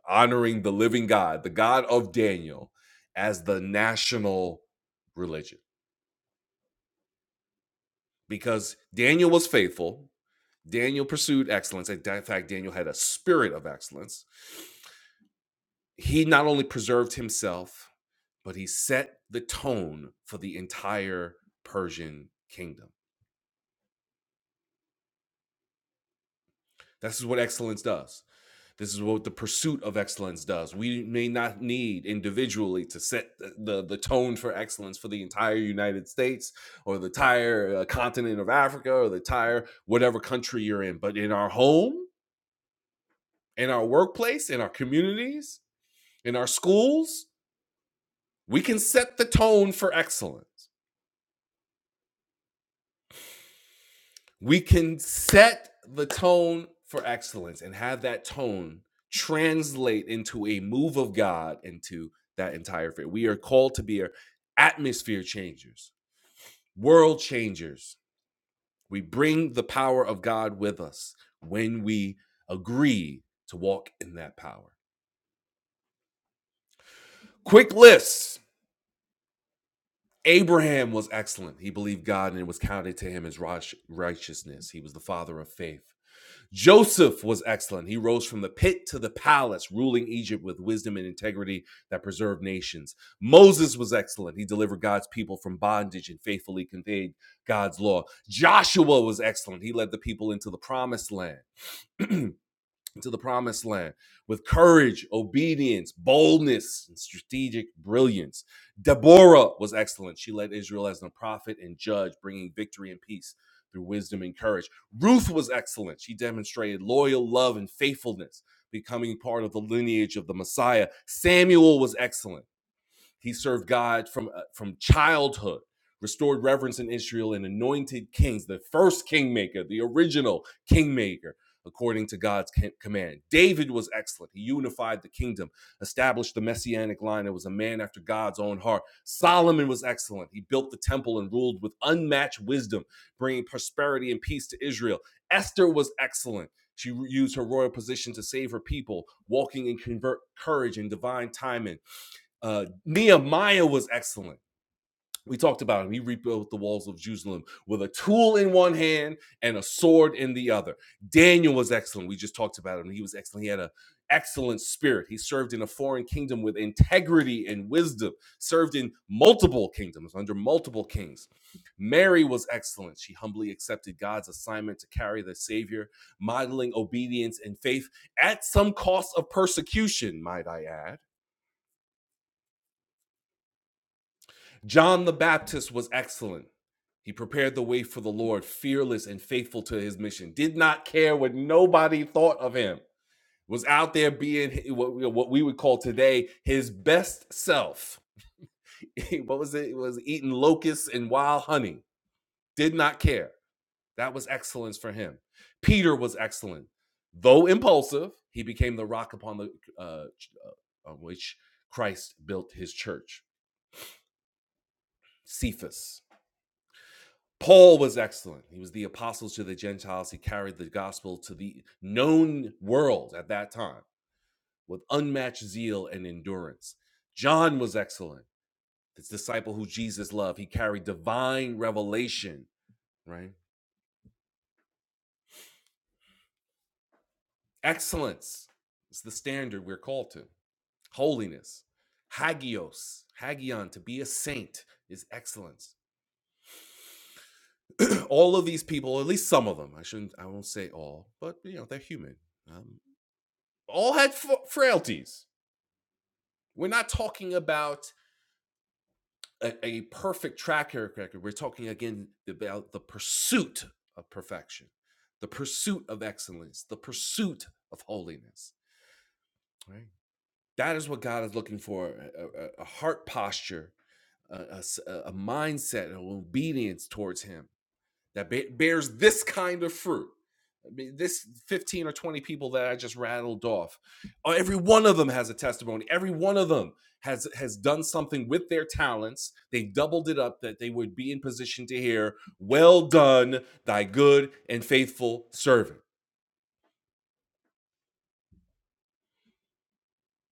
S1: honoring the living God, the God of Daniel, as the national religion. because Daniel was faithful. Daniel pursued excellence. In fact, Daniel had a spirit of excellence. He not only preserved himself, but he set the tone for the entire Persian kingdom. This is what excellence does. This is what the pursuit of excellence does. We may not need individually to set the, the, the tone for excellence for the entire United States or the entire uh, continent of Africa or the entire whatever country you're in, but in our home, in our workplace, in our communities, in our schools, we can set the tone for excellence. We can set the tone for excellence and have that tone translate into a move of God into that entire field. We are called to be atmosphere changers, world changers. We bring the power of God with us when we agree to walk in that power. Quick list Abraham was excellent. He believed God and it was counted to him as righteousness. He was the father of faith. Joseph was excellent. He rose from the pit to the palace, ruling Egypt with wisdom and integrity that preserved nations. Moses was excellent. He delivered God's people from bondage and faithfully conveyed God's law. Joshua was excellent. He led the people into the promised land. into the promised land with courage, obedience, boldness, and strategic brilliance. Deborah was excellent. She led Israel as a prophet and judge, bringing victory and peace through wisdom and courage. Ruth was excellent. She demonstrated loyal love and faithfulness, becoming part of the lineage of the Messiah. Samuel was excellent. He served God from uh, from childhood, restored reverence in Israel, and anointed kings, the first kingmaker, the original kingmaker, according to God's command. David was excellent. He unified the kingdom, established the messianic line, and was a man after God's own heart. Solomon was excellent. He built the temple and ruled with unmatched wisdom, bringing prosperity and peace to Israel. Esther was excellent. She used her royal position to save her people, walking in convert courage and divine timing. Uh, Nehemiah was excellent. We talked about him. He rebuilt the walls of Jerusalem with a tool in one hand and a sword in the other. Daniel was excellent. We just talked about him. He was excellent. He had an excellent spirit. He served in a foreign kingdom with integrity and wisdom, served in multiple kingdoms, under multiple kings. Mary was excellent. She humbly accepted God's assignment to carry the Savior, modeling obedience and faith at some cost of persecution, might I add John the Baptist was excellent. He prepared the way for the Lord, fearless and faithful to his mission. Did not care what nobody thought of him. Was out there being what we- would call today his best self. what was it? It was eating locusts and wild honey. Did not care. That was excellence for him. Peter was excellent. Though impulsive, he became the rock upon the uh, uh, on which Christ built his church. Cephas. Paul was excellent. He was the apostle to the Gentiles. He carried the gospel to the known world at that time with unmatched zeal and endurance. John was excellent. This disciple who Jesus loved, he carried divine revelation, right? Excellence is the standard we're called to. Holiness, hagios, hagion, to be a saint is excellence. all of these people, at least some of them, I shouldn't, I won't say all, but you know, they're human. Um, all had f- frailties We're not talking about a, a perfect track record. We're talking again about the pursuit of perfection, the pursuit of excellence, the pursuit of holiness. Right. That is what God is looking for a, a- a heart posture, a a, a mindset, of obedience towards Him that ba- bears this kind of fruit. I mean, this 15 or 20 people that I just rattled off, oh, every one of them has a testimony. Every one of them has has done something with their talents. They've doubled it up that they would be in position to hear, "Well done, thy good and faithful servant."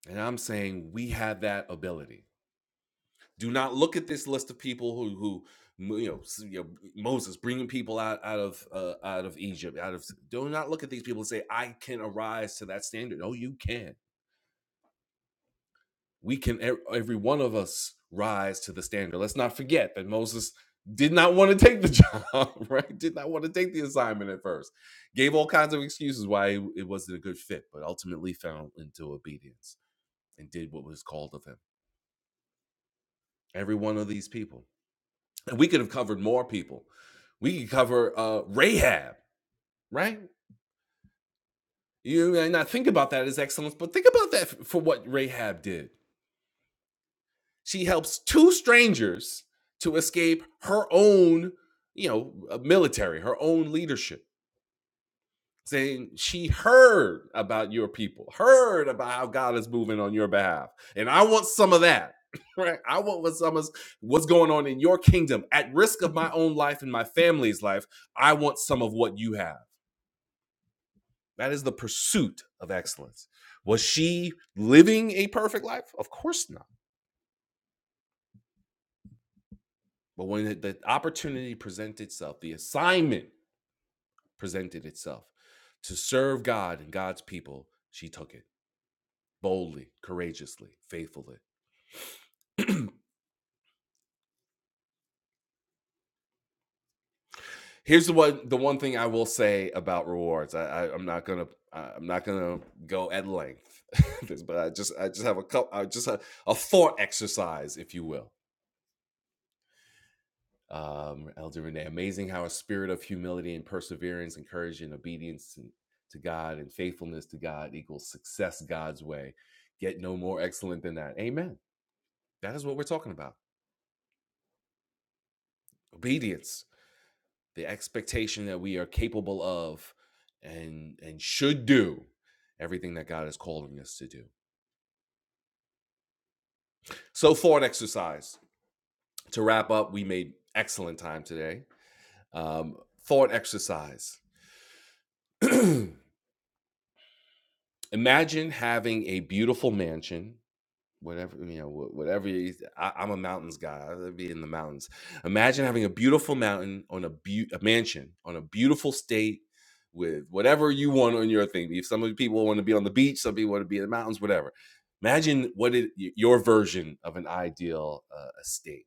S1: And I'm saying we have that ability. Do not look at this list of people who who you know, you know Moses bringing people out out of uh, out of Egypt, out of do not look at these people and say I can arise to that standard. No, you can. We can e- every one of us rise to the standard. Let's not forget that Moses did not want to take the job, right? Did not want to take the assignment at first. Gave all kinds of excuses why it it wasn't a good fit, but ultimately fell into obedience and did what was called of him. Every one of these people And we could have covered more people. We could cover uh, Rahab, right? You may not think about that as excellence, but think about that for what Rahab did. She helps two strangers to escape her own, you know, uh, military, her own leadership, saying she heard about your people, heard about how God is moving on your behalf. And I want some of that, right? I want what some of what's going on in your kingdom at risk of my own life and my family's life. I want some of what you have. That is the pursuit of excellence. Was she living a perfect life? Of course not. But when the- opportunity presented itself, the assignment presented itself to serve God and God's people, she took it boldly, courageously, faithfully. Here's the one the one thing I will say about rewards. I, I I'm not gonna I- I'm not going to i am not going to go at length, but I just I just have a couple I just have a thought exercise, if you will. um, Elder Renee. Amazing how a spirit of humility and perseverance and courage and obedience to, God and faithfulness to God equals success God's way. Get no more excellent than that. Amen. That is what we're talking about. Obedience, the expectation that we are capable of and and should do everything that God is calling us to do. So thought exercise. To wrap up, we made excellent time today. Um, thought exercise. Imagine having a beautiful mansion, whatever you know, wh- whatever. You, I, I'm a mountains guy. I'd be in the mountains. Imagine having a beautiful mountain on a, beau a mansion on a beautiful state with whatever you want on your thing. If some of the people want to be on the beach, some people want to be in the mountains, whatever. Imagine what it, y- your version of an ideal uh, estate.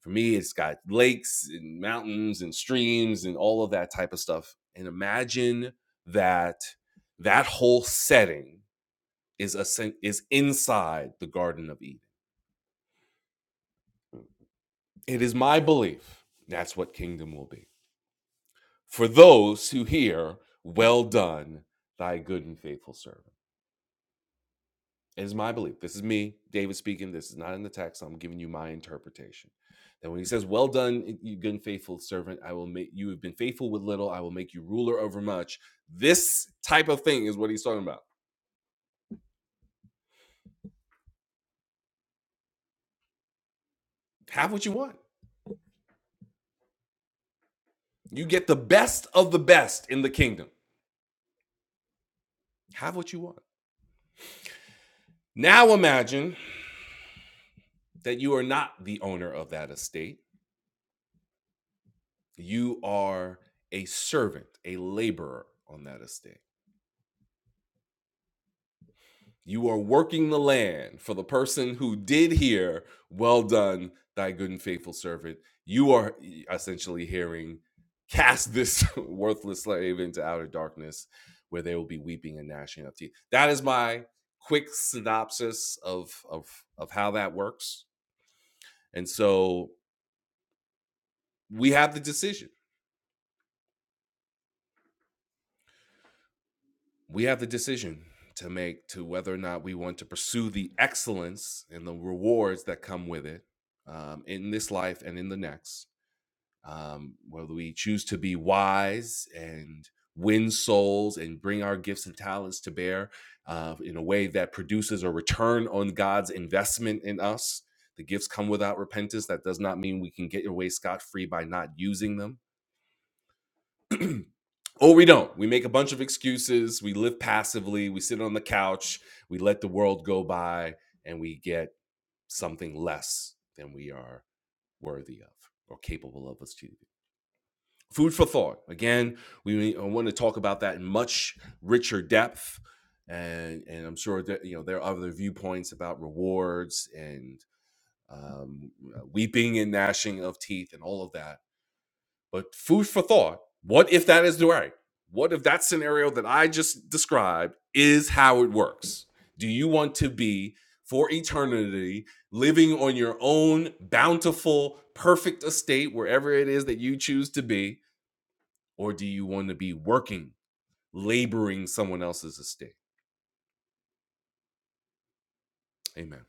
S1: For me, it's got lakes and mountains and streams and all of that type of stuff. And imagine that that whole setting is a is inside the garden of Eden. It is my belief that's what kingdom will be. For those who hear, well done, thy good and faithful servant. It is my belief. This is me, David speaking. This is not in the text. I'm giving you my interpretation. That when he says, Well done, you good and faithful servant, I will make you have been faithful with little, I will make you ruler over much. This type of thing is what he's talking about. Have what you want. You get the best of the best in the kingdom. Have what you want. Now imagine that you are not the owner of that estate. You are a servant, a laborer on that estate. You are working the land for the person who did hear, Well done, thy good and faithful servant. You are essentially hearing, Cast this worthless slave into outer darkness where they will be weeping and gnashing of teeth. That is my quick synopsis of, of, of how that works. And so we have the decision we have the decision to make to whether or not we want to pursue the excellence and the rewards that come with it um, in this life and in the next. Um, whether we choose to be wise and win souls and bring our gifts and talents to bear uh, in a way that produces a return on God's investment in us. The gifts come without repentance. That does not mean we can get away scot free by not using them or we don't. We make a bunch of excuses. We live passively. We sit on the couch. We let the world go by and we get something less than we are worthy of or capable of achieving. Food for thought. Again, we want to talk about that in much richer depth. And, and I'm sure that you know there are other viewpoints about rewards and um, weeping and gnashing of teeth and all of that but food for thought. What if that is right? What if that scenario that I just described is how it works? Do you want to be for eternity living on your own bountiful, perfect estate, wherever it is that you choose to be? Or do you want to be working, laboring someone else's estate? Amen.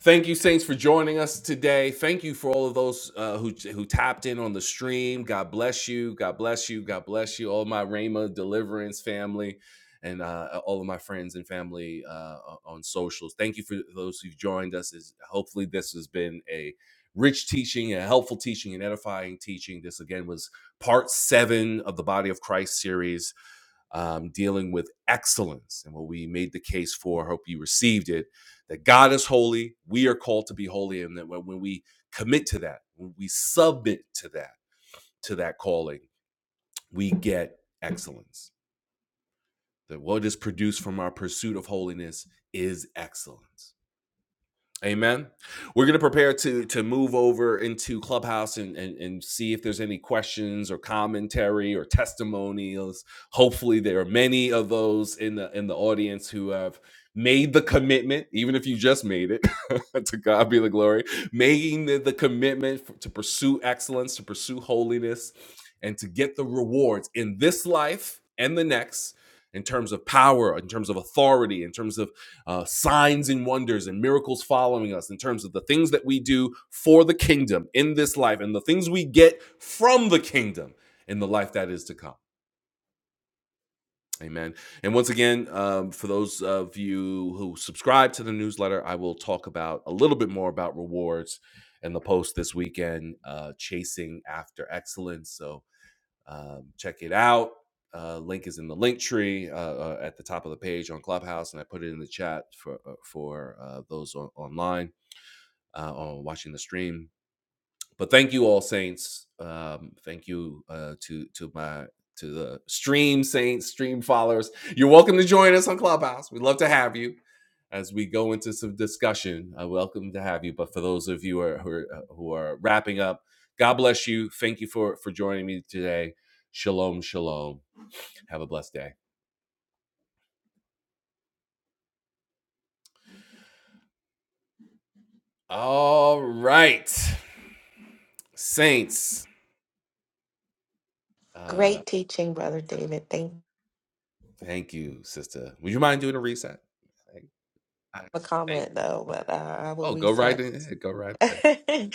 S1: Thank you, Saints, for joining us today. Thank you for all of those uh, who who tapped in on the stream. God bless you. God bless you. God bless you. All my Rhema deliverance family and uh, all of my friends and family uh, on socials. Thank you for those who've joined us. Is hopefully this has been a rich teaching, a helpful teaching, an edifying teaching. This again was part seven of the Body of Christ series um, dealing with excellence. And what we made the case for, I hope you received it, that God is holy, we are called to be holy, and that when when we commit to that, when we submit to that, to that calling, we get excellence. That what is produced from our pursuit of holiness is excellence. Amen. We're going to prepare to to move over into Clubhouse and, and and see if there's any questions or commentary or testimonials. Hopefully, there are many of those in the in the audience who have made the commitment, even if you just made it. to God be the glory. Making the, the commitment f- to pursue excellence, to pursue holiness, and to get the rewards in this life and the next. In terms of power, in terms of authority, in terms of uh, signs and wonders and miracles following us in terms of the things that we do for the kingdom in this life and the things we get from the kingdom in the life that is to come. Amen. And once again, um, for those of you who subscribe to the newsletter, I will talk about a little bit more about rewards in the post this weekend, uh, chasing after excellence. So um, check it out. Uh, link is in the link tree uh, uh, at the top of the page on Clubhouse, and I put it in the chat for uh, for uh, those on, online uh, on watching the stream. But thank you all saints. Um, thank you uh, to to my to the stream saints, stream followers. You're welcome to join us on Clubhouse. We'd love to have you as we go into some discussion. I welcome to have you. But for those of you who are, who are uh, who are wrapping up, God bless you. Thank you for for joining me today. Shalom, shalom. Have a blessed day. All right, saints. Uh,
S2: Great teaching, Brother David. Thank you
S1: thank you, sister. Would you mind doing a reset?
S2: for the
S1: Thank
S2: comment, though, but uh, I will
S1: Oh, go right
S2: reset.
S1: ahead. Go right ahead.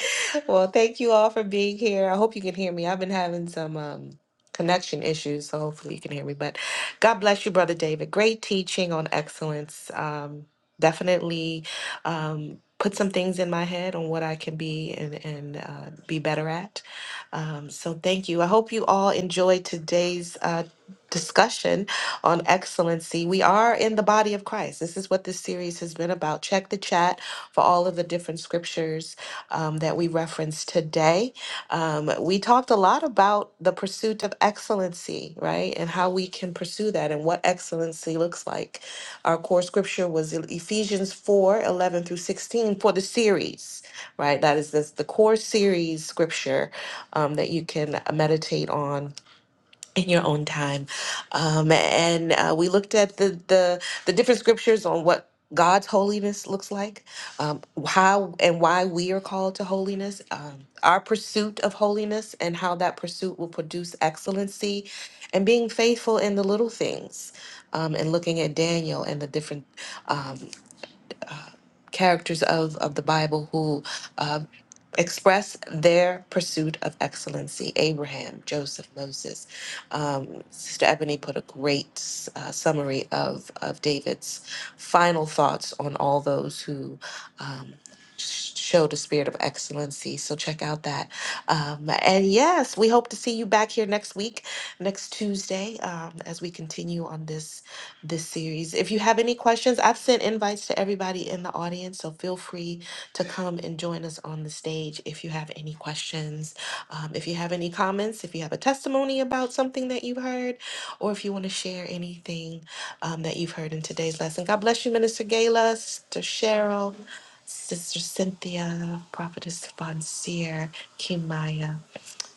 S2: Well, thank you all for being here. I hope you can hear me. I've been having some um, connection issues, so hopefully you can hear me. But God bless you, Brother David. Great teaching on excellence. Um, definitely um, put some things in my head on what I can be and, and uh, be better at. Um, so thank you. I hope you all enjoyed today's uh, discussion on excellency. We are in the body of Christ. This is what this series has been about. Check the chat for all of the different scriptures um, that we referenced today. Um, we talked a lot about the pursuit of excellency, right? And how we can pursue that and what excellency looks like. Our core scripture was E-, Ephesians 4 11 through 16 for the series, right? That is this, the core series scripture um, that you can meditate on in your own time. Um, and uh, we looked at the, the the different scriptures on what God's holiness looks like, um, how and why we are called to holiness, um, our pursuit of holiness, and how that pursuit will produce excellency, and being faithful in the little things, um, and looking at Daniel and the different um, uh, characters of of the Bible who uh, express their pursuit of excellency. Abraham, Joseph, Moses. Um, Sister Ebony put a great uh, summary of, of David's final thoughts on all those who. Um, sh- Showed a spirit of excellency. So check out that. Um, and yes, we hope to see you back here next week, next Tuesday, um, as we continue on this this series. If you have any questions, I've sent invites to everybody in the audience, so feel free to come and join us on the stage if you have any questions, um, if you have any comments, if you have a testimony about something that you heard, or if you want to share anything um, that you've heard in today's lesson. God bless you, Minister Gayla, Sister Cheryl, Sister Cynthia, Prophetess Fonseer, Kimaya.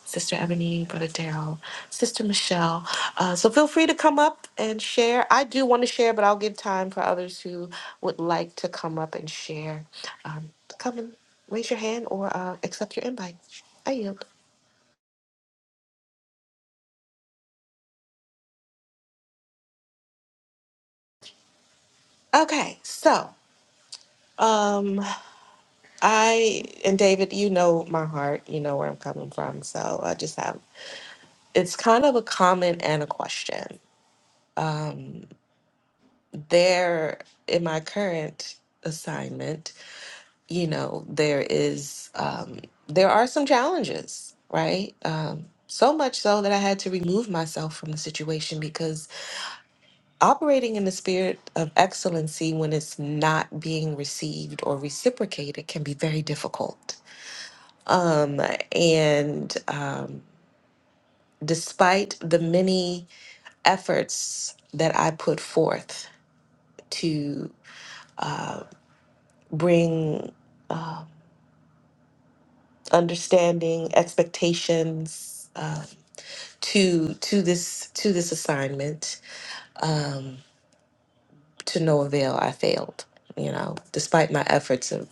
S2: Sister Ebony, Brother Daryl, Sister Michelle. Uh, so feel free to come up and share. I do want to share, but I'll give time for others who would like to come up and share. Um, come and raise your hand or uh, accept your invite. I yield. Okay, so um, I and David, you know my heart. You know where I'm coming from. So I just have it's kind of a comment and a question. There in my current assignment you know, there is um, there are some challenges, right? Um, so much so that I had to remove myself from the situation because operating in the spirit of excellency when it's not being received or reciprocated can be very difficult. Um, and um, despite the many efforts that I put forth to uh, bring uh, understanding, expectations. uh, to to this to this assignment um to no avail i failed you know despite my efforts of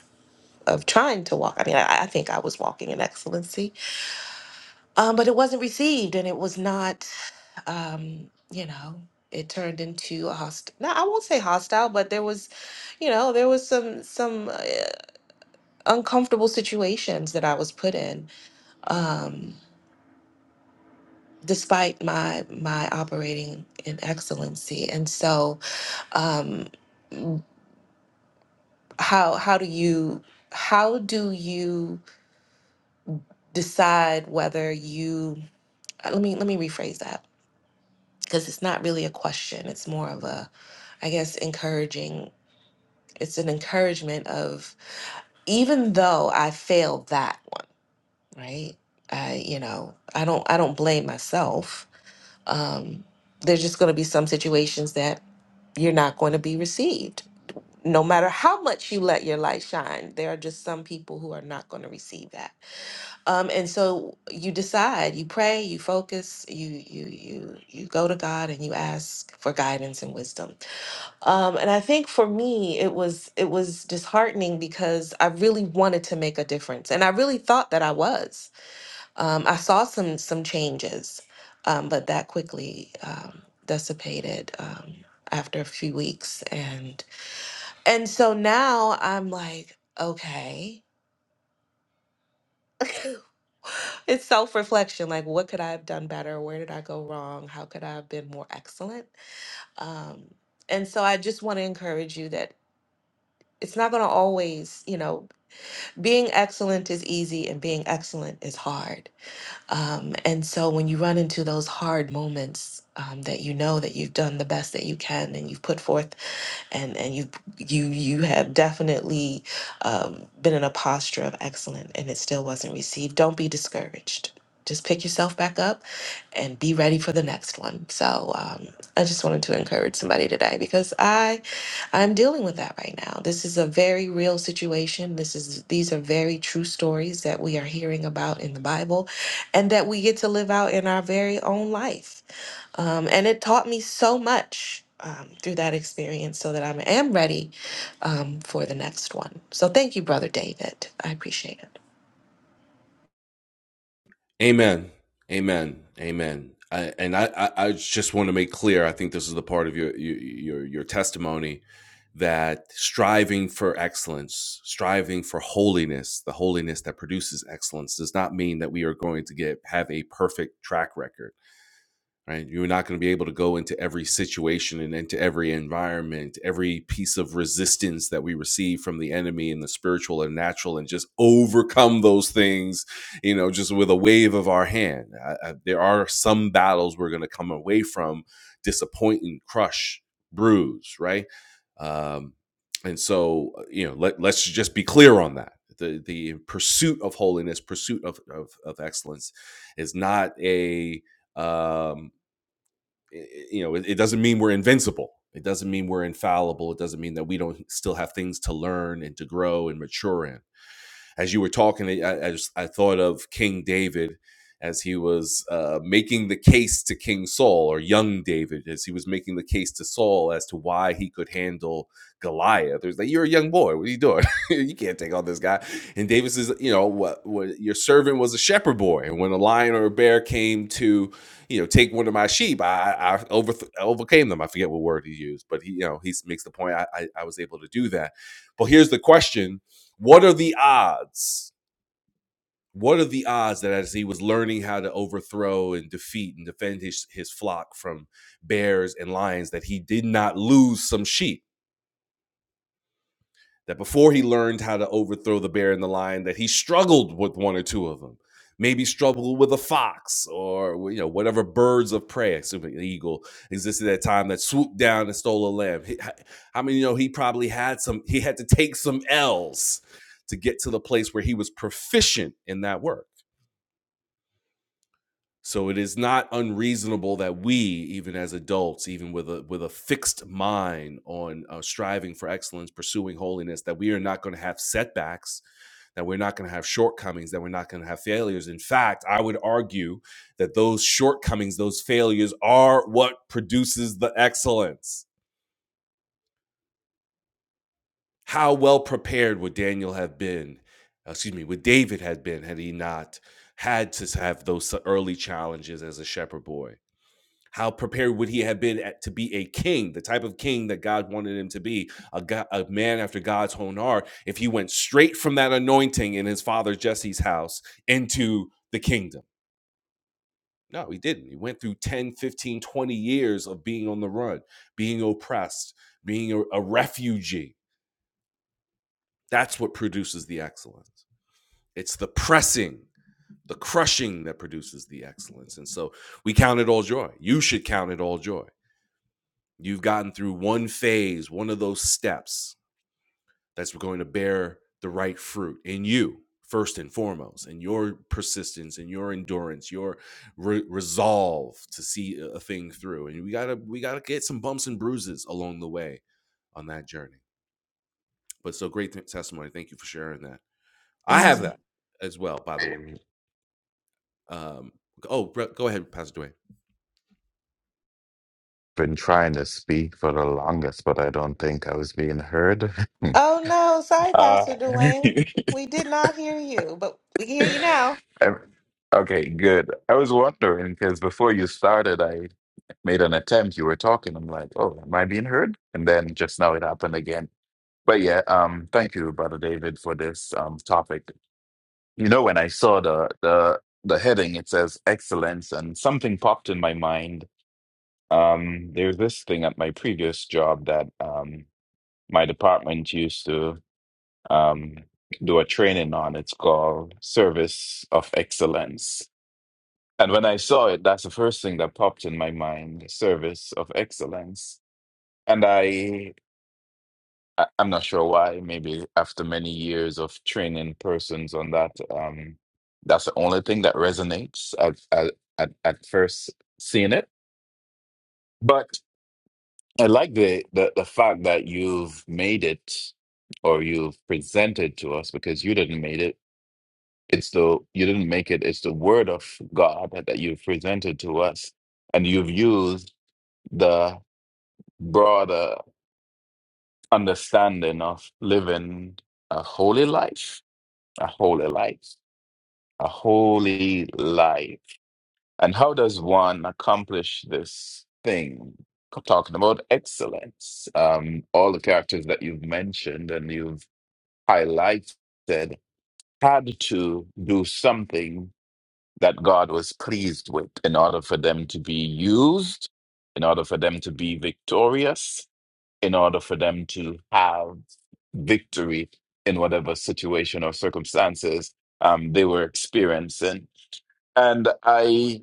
S2: of trying to walk i mean i, I think i was walking in excellency um but it wasn't received and it was not um you know it turned into a hostile now i won't say hostile but there was you know there was some some uh, uncomfortable situations that i was put in um despite my my operating in excellency and so um how how do you how do you decide whether you uh, let me let me rephrase that because it's not really a question it's more of a i guess encouraging it's an encouragement of even though i failed that right i you know i don't i don't blame myself um there's just going to be some situations that you're not going to be received no matter how much you let your light shine there are just some people who are not going to receive that Um, and so you decide, you pray, you focus, you you you you go to God and you ask for guidance and wisdom. Um, and I think for me, it was it was disheartening because I really wanted to make a difference, and I really thought that I was. Um, I saw some some changes, um, but that quickly um, dissipated um, after a few weeks, and and so now I'm like, okay. it's self reflection. Like, what could I have done better? Where did I go wrong? How could I have been more excellent? Um, and so I just want to encourage you that it's not going to always, you know, being excellent is easy and being excellent is hard. Um, and so when you run into those hard moments, um, that you know that you've done the best that you can and you've put forth and and you you you have definitely um, been in a posture of excellence and it still wasn't received don't be discouraged just pick yourself back up and be ready for the next one so um, i just wanted to encourage somebody today because i i'm dealing with that right now this is a very real situation this is these are very true stories that we are hearing about in the bible and that we get to live out in our very own life um, and it taught me so much um, through that experience so that I am ready um, for the next one. So thank you, Brother David. I appreciate it.
S1: Amen. Amen. Amen. I, and I, I, I just want to make clear. I think this is the part of your your your, your testimony that striving for excellence, striving for holiness, the holiness that produces excellence, does not mean that we are going to get have a perfect track record right? You're not going to be able to go into every situation and into every environment, every piece of resistance that we receive from the enemy and the spiritual and natural, and just overcome those things, you know, just with a wave of our hand. I, I, there are some battles we're going to come away from disappointing, crush, bruise, right? Um, and so, uh, you know, let, let's just be clear on that. The, the pursuit of holiness, pursuit of, of, of excellence is not a, um, you know, it, it doesn't mean we're invincible. It doesn't mean we're infallible. It doesn't mean that we don't still have things to learn and to grow and mature in as you were talking, I, I, just, I thought of King David as he was uh, making the case to King Saul, or young David, as he was making the case to Saul as to why he could handle Goliath. There's like, you're a young boy. What are you doing? you can't take on this guy. And David says, you know, what, what your servant was a shepherd boy. And when a lion or a bear came to, you know, take one of my sheep, I, I over, overcame them. I forget what word he used, but he, you know, he makes the point I, I, I was able to do that. But here's the question what are the odds? What are the odds that as he was learning how to overthrow and defeat and defend his, his flock from bears and lions, that he did not lose some sheep? that before he learned how to overthrow the bear and the lion, that he struggled with one or two of them. Maybe struggled with a fox or you know whatever birds of prey, assuming the eagle existed at that time, that swooped down and stole a lamb. He- I mean, you know, he probably had some. He had to take some L's to get to the place where he was proficient in that work. So it is not unreasonable that we, even as adults, even with a with a fixed mind on uh, striving for excellence, pursuing holiness, that we are not going to have setbacks, that we're not going to have shortcomings, that we're not going to have failures. In fact, I would argue that those shortcomings, those failures, are what produces the excellence. How well prepared would Daniel have been? uh, Excuse me, would David have been had he not had to have those early challenges as a shepherd boy? How prepared would he have been at, to be a king, the type of king that God wanted him to be, a, go- a man after God's own heart, if he went straight from that anointing in his father Jesse's house into the kingdom? No, he didn't. He went through 10, 15, 20 years of being on the run, being oppressed, being a, a refugee. That's what produces the excellence. It's the pressing, the crushing that produces the excellence. And so we count it all joy. You should count it all joy You've gotten through one phase, one of those steps that's going to bear the right fruit in you, first and foremost, and your persistence and your endurance, your re- resolve to see a thing through. And we gotta we gotta get some bumps and bruises along the way on that journey. But so great th- testimony. Thank you for sharing that. I have
S2: Amen.
S1: that as well, by the way.
S3: I've
S1: Um, oh, go ahead, Pastor Dwayne.
S3: been trying to speak for the longest, but I don't think I was being heard.
S2: Oh, no. Sorry,
S3: uh,
S2: Pastor Dwayne. We did not hear you, but we can hear you now.
S3: I'm- okay, good. I was wondering because before you started, I made an attempt. You were talking. I'm like, oh, am I being heard? And then just now it happened again. But yeah, um, thank you, Brother David, for this um topic. You know, when I saw the the the heading, it says excellence, and something popped in my mind. Um, there's this thing at my previous job that um my department used to um, do a training on. It's called Service of Excellence. And when I saw it, that's the first thing that popped in my mind, Service of Excellence. And I, I- I'm not sure why, maybe after many years of training persons on that, um, that's the only thing that resonates at, at, at, at first seeing it. But I like the, the, the fact that you've made it or you've presented to us because you didn't make it It's the you didn't make it. It's the word of God that you've presented to us, and you've used the broader understanding of living a holy life, a holy life, a holy life. And how does one accomplish this thing? Talking about excellence, um, all the characters that you've mentioned and you've highlighted had to do something that God was pleased with in order for them to be used, in order for them to be victorious, in order for them to have victory in whatever situation or circumstances um, they were experiencing. And I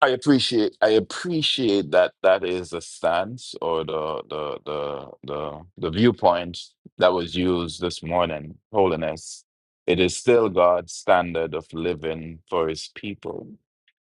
S3: I appreciate I appreciate that that is the stance or the the the the, the viewpoint that was used this morning, holiness. It is still God's standard of living for his people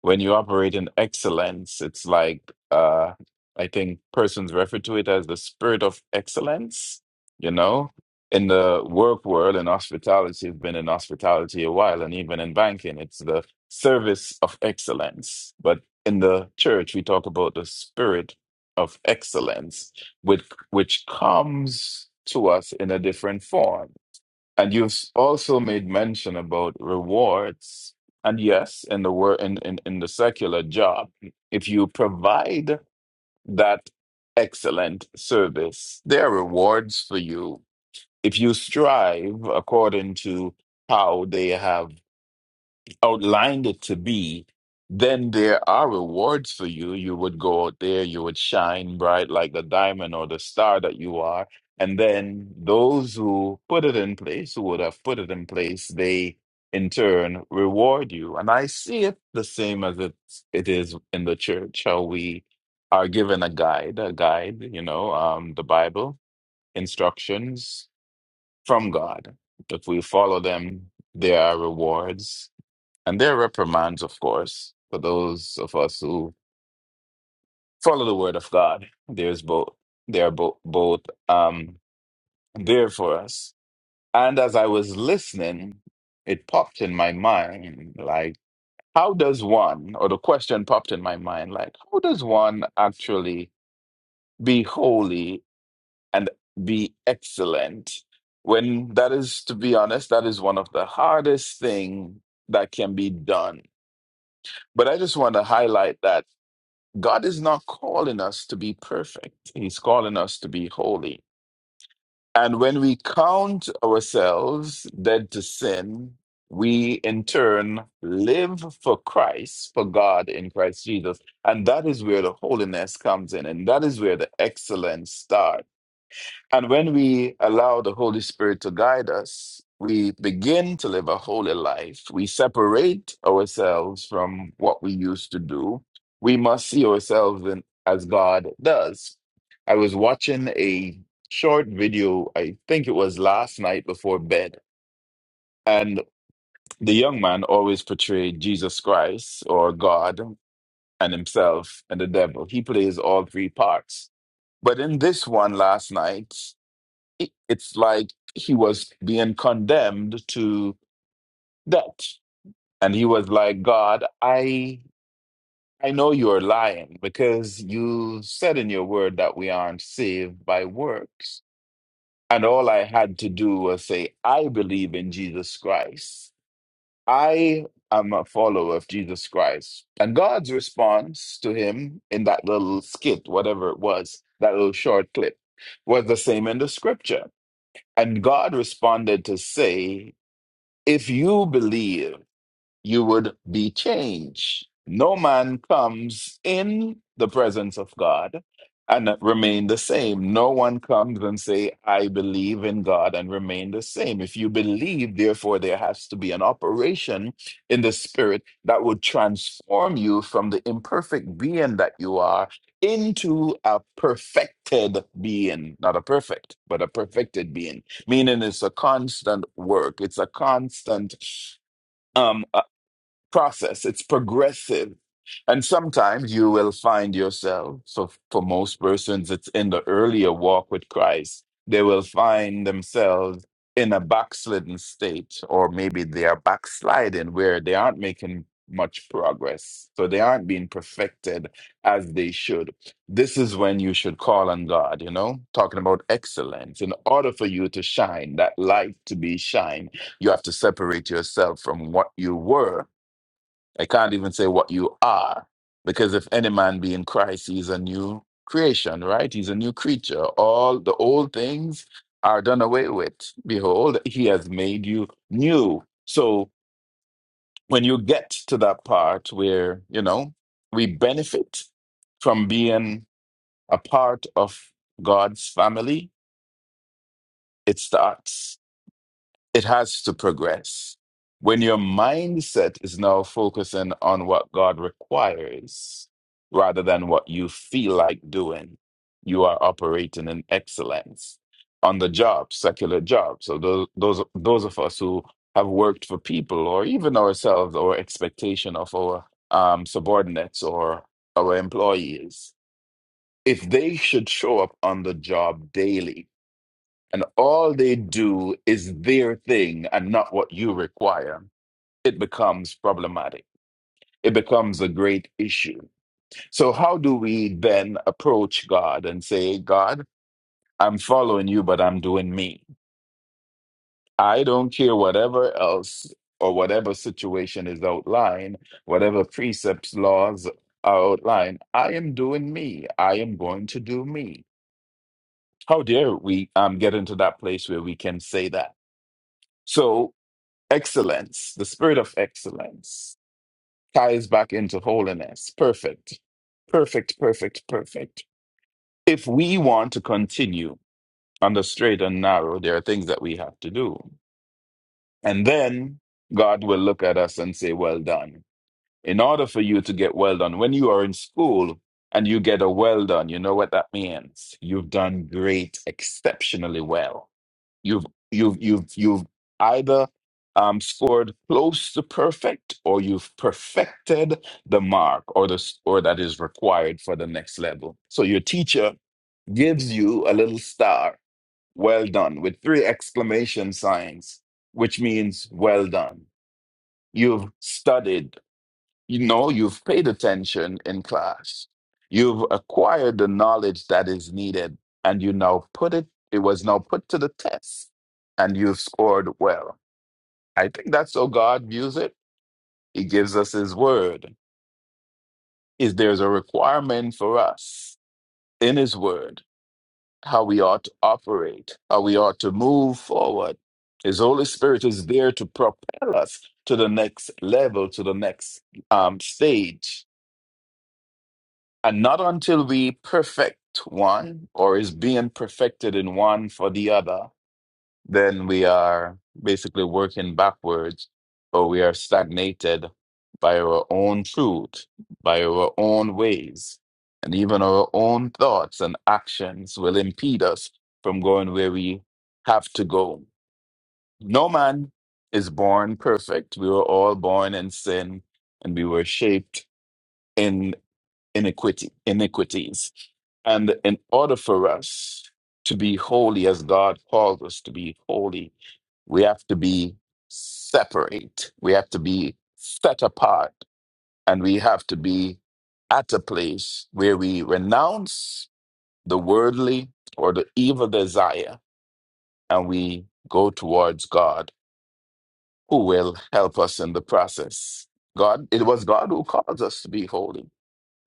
S3: when you operate in excellence, it's like uh, I think persons refer to it as the spirit of excellence. You know, in the work world and hospitality, I've been in hospitality a while, and even in banking, it's the service of excellence. But in the church, we talk about the spirit of excellence, which which comes to us in a different form and you have also made mention about rewards. And yes, in the word in, in, in the secular job, if you provide that excellent service, there are rewards for you. If you strive according to how they have outlined it to be, then there are rewards for you. You would go out there, you would shine bright like the diamond or the star that you are. And then those who put it in place, who would have put it in place, they in turn reward you. And I see it the same as it, it is in the church, how we are given a guide, a guide, you know, um, the Bible, instructions from God. If we follow them, there are rewards and there are reprimands, of course, for those of us who follow the word of God. There's both. They are both both um there for us. And as I was listening, it popped in my mind like, how does one, or the question popped in my mind, like, how does one actually be holy and be excellent? When that is, to be honest, that is one of the hardest thing that can be done. But I just want to highlight that. God is not calling us to be perfect. He's calling us to be holy. And when we count ourselves dead to sin, we in turn live for Christ, for God in Christ Jesus. And that is where the holiness comes in. And that is where the excellence starts. And when we allow the Holy Spirit to guide us, we begin to live a holy life. We separate ourselves from what we used to do. We must see ourselves in, as God does. I was watching a short video, I think it was last night before bed, and the young man always portrayed Jesus Christ or God and himself and the devil. He plays all three parts. But in this one last night, it's like he was being condemned to death and he was like god i i know you're lying because you said in your word that we aren't saved by works and all i had to do was say i believe in jesus christ i am a follower of jesus christ and god's response to him in that little skit whatever it was that little short clip was the same in the scripture and god responded to say If you believe, you would be changed. No man comes in the presence of God and remain the same. No one comes and say, I believe in God and remain the same. If you believe, therefore, there has to be an operation in the spirit that would transform you from the imperfect being that you are into a perfected being. Not a perfect, but a perfected being. Meaning it's a constant work. It's a constant um process, it's progressive. And sometimes you will find yourself, so for most persons, it's in the earlier walk with Christ, they will find themselves in a backslidden state, or maybe they are backsliding where they aren't making much progress. So they aren't being perfected as they should. This is when you should call on God, you know, talking about excellence. In order for you to shine, that light to be shine, you have to separate yourself from what you were I can't even say what you are, because if any man be in Christ, he is a new creation, right? He's a new creature. All the old things are done away with. Behold, he has made you new. So when you get to that part where, you know, we benefit from being a part of God's family, it starts it has to progress. When your mindset is now focusing on what God requires rather than what you feel like doing, you are operating in excellence. On the job, secular job. So those those those of us who have worked for people or even ourselves or expectation of our um, subordinates or our employees, if they should show up on the job daily, and all they do is their thing and not what you require, it becomes problematic. It becomes a great issue. So, how do we then approach God and say, God, I'm following you, but I'm doing me? I don't care whatever else or whatever situation is outlined, whatever precepts, laws are outlined. I am doing me. I am going to do me. How dare we um, get into that place where we can say that? So. Excellence, the spirit of excellence, ties back into holiness. Perfect. Perfect, perfect, perfect. If we want to continue on the straight and narrow, there are things that we have to do. And then God will look at us and say, Well done. In order for you to get well done, when you are in school and you get a well done, you know what that means? You've done great, exceptionally well You've you've you've you've either um, scored close to perfect, or you've perfected the mark, or the s- or that is required for the next level. So your teacher gives you a little star, well done, with three exclamation signs, which means well done. You've studied you know, you've paid attention in class. You've acquired the knowledge that is needed, and you now put it, it was now put to the test, and you've scored well. I think that's how God views it. He gives us His word. Is there's a requirement for us in His word, how we ought to operate, how we ought to move forward. His Holy Spirit is there to propel us to the next level, to the next um, stage And not until we perfect one or is being perfected in one for the other, then we are basically working backwards or we are stagnated by our own truth, by our own ways. And even our own thoughts and actions will impede us from going where we have to go. No man is born perfect. We were all born in sin and we were shaped in iniquity, iniquities. And in order for us to be holy as God calls us to be holy, we have to be separate. We have to be set apart. And we have to be at a place where we renounce the worldly or the evil desire and we go towards God, who will help us in the process. God, it was God who calls us to be holy.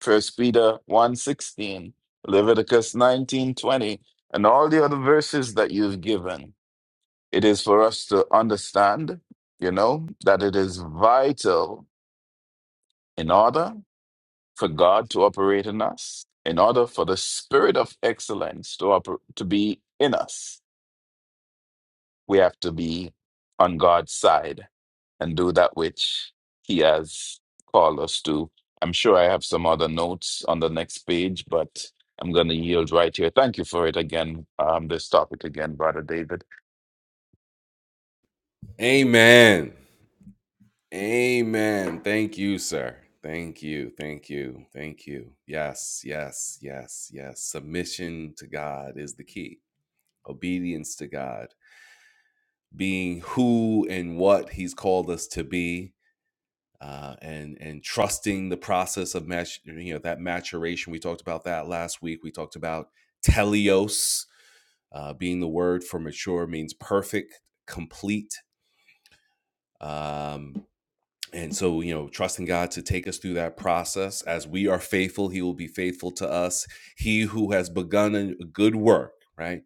S3: First Peter one sixteen, Leviticus 19:20, and all the other verses that you've given. It is for us to understand, you know, that it is vital in order for God to operate in us, in order for the spirit of excellence to oper- to be in us We have to be on God's side and do that which He has called us to. I'm sure I have some other notes on the next page, but I'm going to yield right here. Thank you for it again, um, this topic again, Brother David.
S1: Amen. Amen. Thank you, sir. Thank you. Thank you. Thank you. Yes, yes, yes, yes. Submission to God is the key. Obedience to God, being who and what He's called us to be, uh, and and trusting the process of mat- you know that maturation. We talked about that last week. We talked about teleos uh, being the word for mature means perfect, complete. Um, And so, you know, trusting God to take us through that process. As we are faithful, He will be faithful to us. He who has begun a good work, right,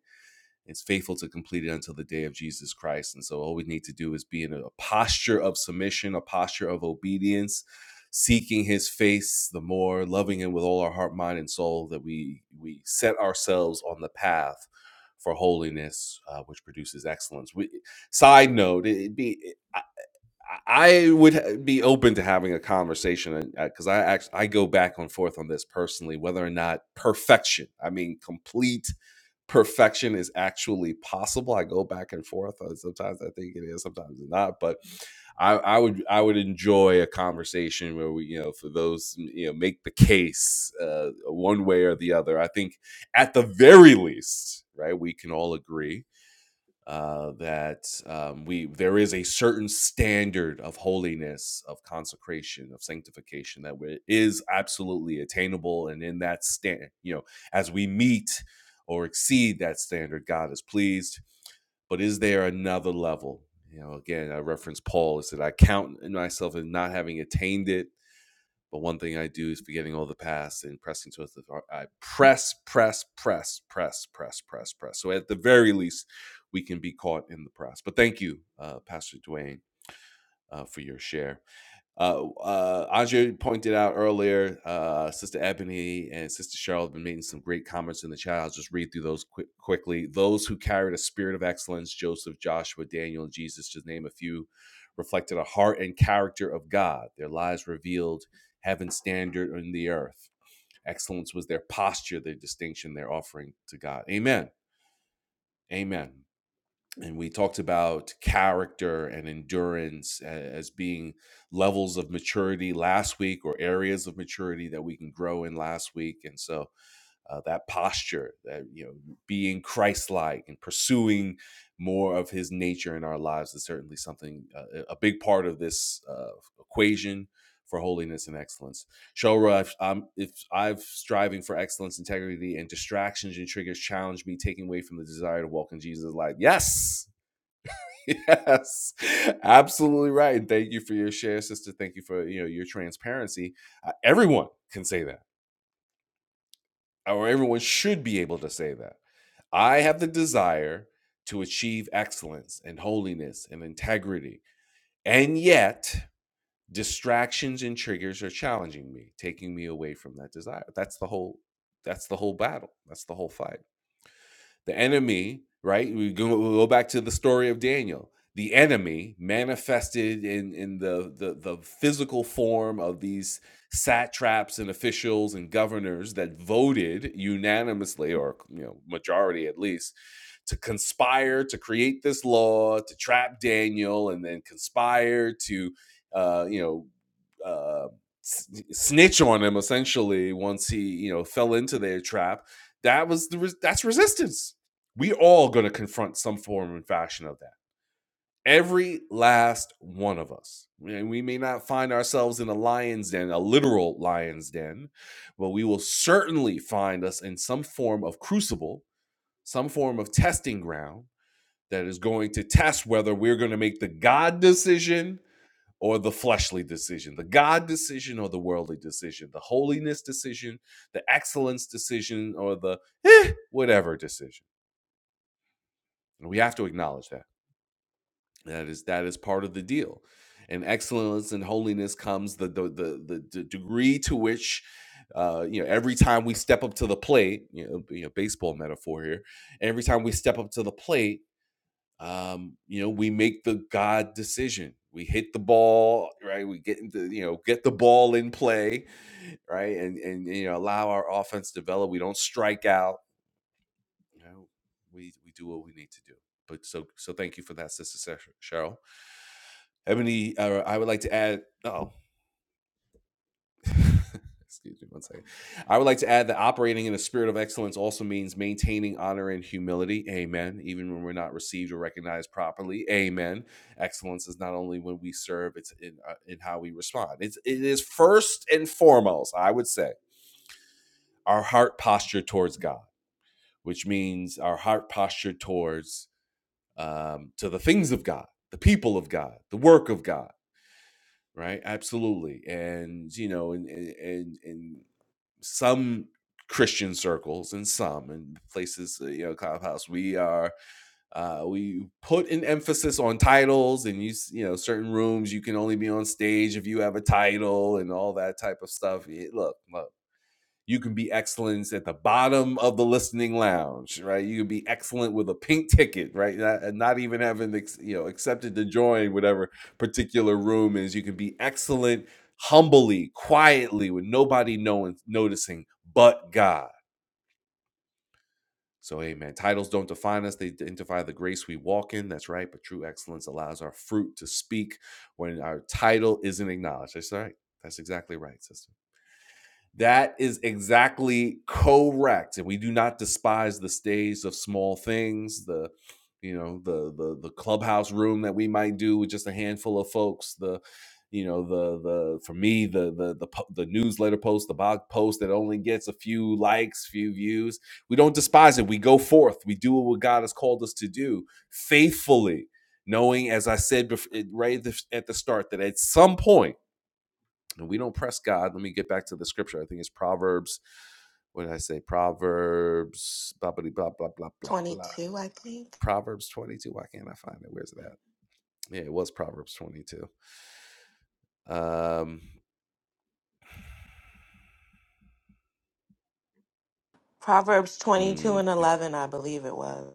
S1: is faithful to complete it until the day of Jesus Christ. And so, all we need to do is be in a posture of submission, a posture of obedience, seeking His face the more, loving Him with all our heart, mind, and soul. That we we set ourselves on the path for holiness, uh, which produces excellence. We, side note, it'd be. I would be open to having a conversation because I actually I go back and forth on this personally whether or not perfection I mean complete perfection is actually possible I go back and forth Uh, sometimes I think it is sometimes it's not but I, I would I would enjoy a conversation where we you know for those mm, you know make the case uh, one way or the other I think at the very least right we can all agree uh, that um, we there is a certain standard of holiness, of consecration, of sanctification that we- is absolutely attainable, and in that stand, you know, as we meet or exceed that standard, God is pleased. But is there another level? You know, again, I reference Paul. Is said I count in myself as not having attained it, but one thing I do is forgetting all the past and pressing towards the far- I press, press, press, press, press, press, press. So at the very least, we can be caught in the press. But thank you, uh, Pastor Dwayne, uh, for your share. Uh, uh, Andre pointed out earlier, uh, Sister Ebony and Sister Cheryl have been making some great comments in the chat. I'll just read through those quick, quickly. Those who carried a spirit of excellence, Joseph, Joshua, Daniel, and Jesus, just name a few, reflected a heart and character of God. Their lives revealed heaven's standard on the earth. Excellence was their posture, their distinction, their offering to God. Amen. Amen and we talked about character and endurance as being levels of maturity last week or areas of maturity that we can grow in last week and so uh, that posture that you know being christ-like and pursuing more of his nature in our lives is certainly something uh, a big part of this uh, equation for holiness and excellence Shora, if I'm if I've striving for excellence, integrity, and distractions and triggers challenge me, taking away from the desire to walk in Jesus' light. Yes, yes absolutely right thank you for your share sister thank you for you know your transparency uh, everyone can say that or everyone should be able to say that i have the desire to achieve excellence and holiness and integrity and yet distractions and triggers are challenging me taking me away from that desire that's the whole that's the whole battle that's the whole fight The enemy, right? We go, we go back to the story of Daniel. The enemy manifested in in the, the the physical form of these satraps and officials and governors that voted unanimously, or you know, majority at least, to conspire to create this law to trap Daniel and then conspire to, uh, you know, uh, snitch on him essentially once he, you know, fell into their trap. That was the res- that's resistance. We all going to confront some form and fashion of that. Every last one of us. And we may not find ourselves in a lion's den, a literal lion's den, but we will certainly find us in some form of crucible, some form of testing ground that is going to test whether we're going to make the God decision or the fleshly decision, the God decision or the worldly decision, the holiness decision, the excellence decision, or the eh, whatever decision. And we have to acknowledge that. That is that is part of the deal. And excellence and holiness comes the the the, the, degree to which uh, you know every time we step up to the plate, you know, you know baseball metaphor here. Every time we step up to the plate, um, you know, we make the God decision. We hit the ball, right? We get into, you know, get the ball in play, right? And and you know, allow our offense to develop. We don't strike out. You know, we we do what we need to do. But so so thank you for that, Sister Cheryl. Ebony, uh, I would like to add. Oh, Excuse me one second. I would like to add that operating in a spirit of excellence also means maintaining honor and humility. Amen. Even when we're not received or recognized properly. Amen. Excellence is not only when we serve, it's in, uh, in how we respond. It's, it is first and foremost, I would say, our heart posture towards God, which means our heart posture towards um, to the things of God, the people of God, the work of God right absolutely and you know and and and and some Christian circles and some and places, uh, you know, clubhouse. We are uh, we put an emphasis on titles and you you know certain rooms you can only be on stage if you have a title and all that type of stuff. Yeah, look, look, you can be excellence at the bottom of the listening lounge, right? You can be excellent with a pink ticket, right? Not, and not even having you know accepted to join whatever particular room is. You can be excellent humbly, quietly, with nobody knowing noticing but God. So, amen. Titles don't define us, they identify the grace we walk in. That's right. But true excellence allows our fruit to speak when our title isn't acknowledged. That's right. That's exactly right, sister. That is exactly correct. And we do not despise the stage of small things, the you know, the the the clubhouse room that we might do with just a handful of folks, the you know, the the for me, the the the po- the newsletter post, the blog post that only gets a few likes, few views. We don't despise it. We go forth. We do what God has called us to do faithfully, knowing as I said bef- right at the at the start that at some point and we don't press God. Let me get back to the scripture. I think it's Proverbs. What did I say? Proverbs, blah, blah, blah, blah, blah, blah, blah.
S2: 22, I think.
S1: Proverbs 22. Why can't I find it? Where's that? Yeah, it was Proverbs 22. Um,
S2: Proverbs
S1: mm,
S2: 22 and 11, I believe it was.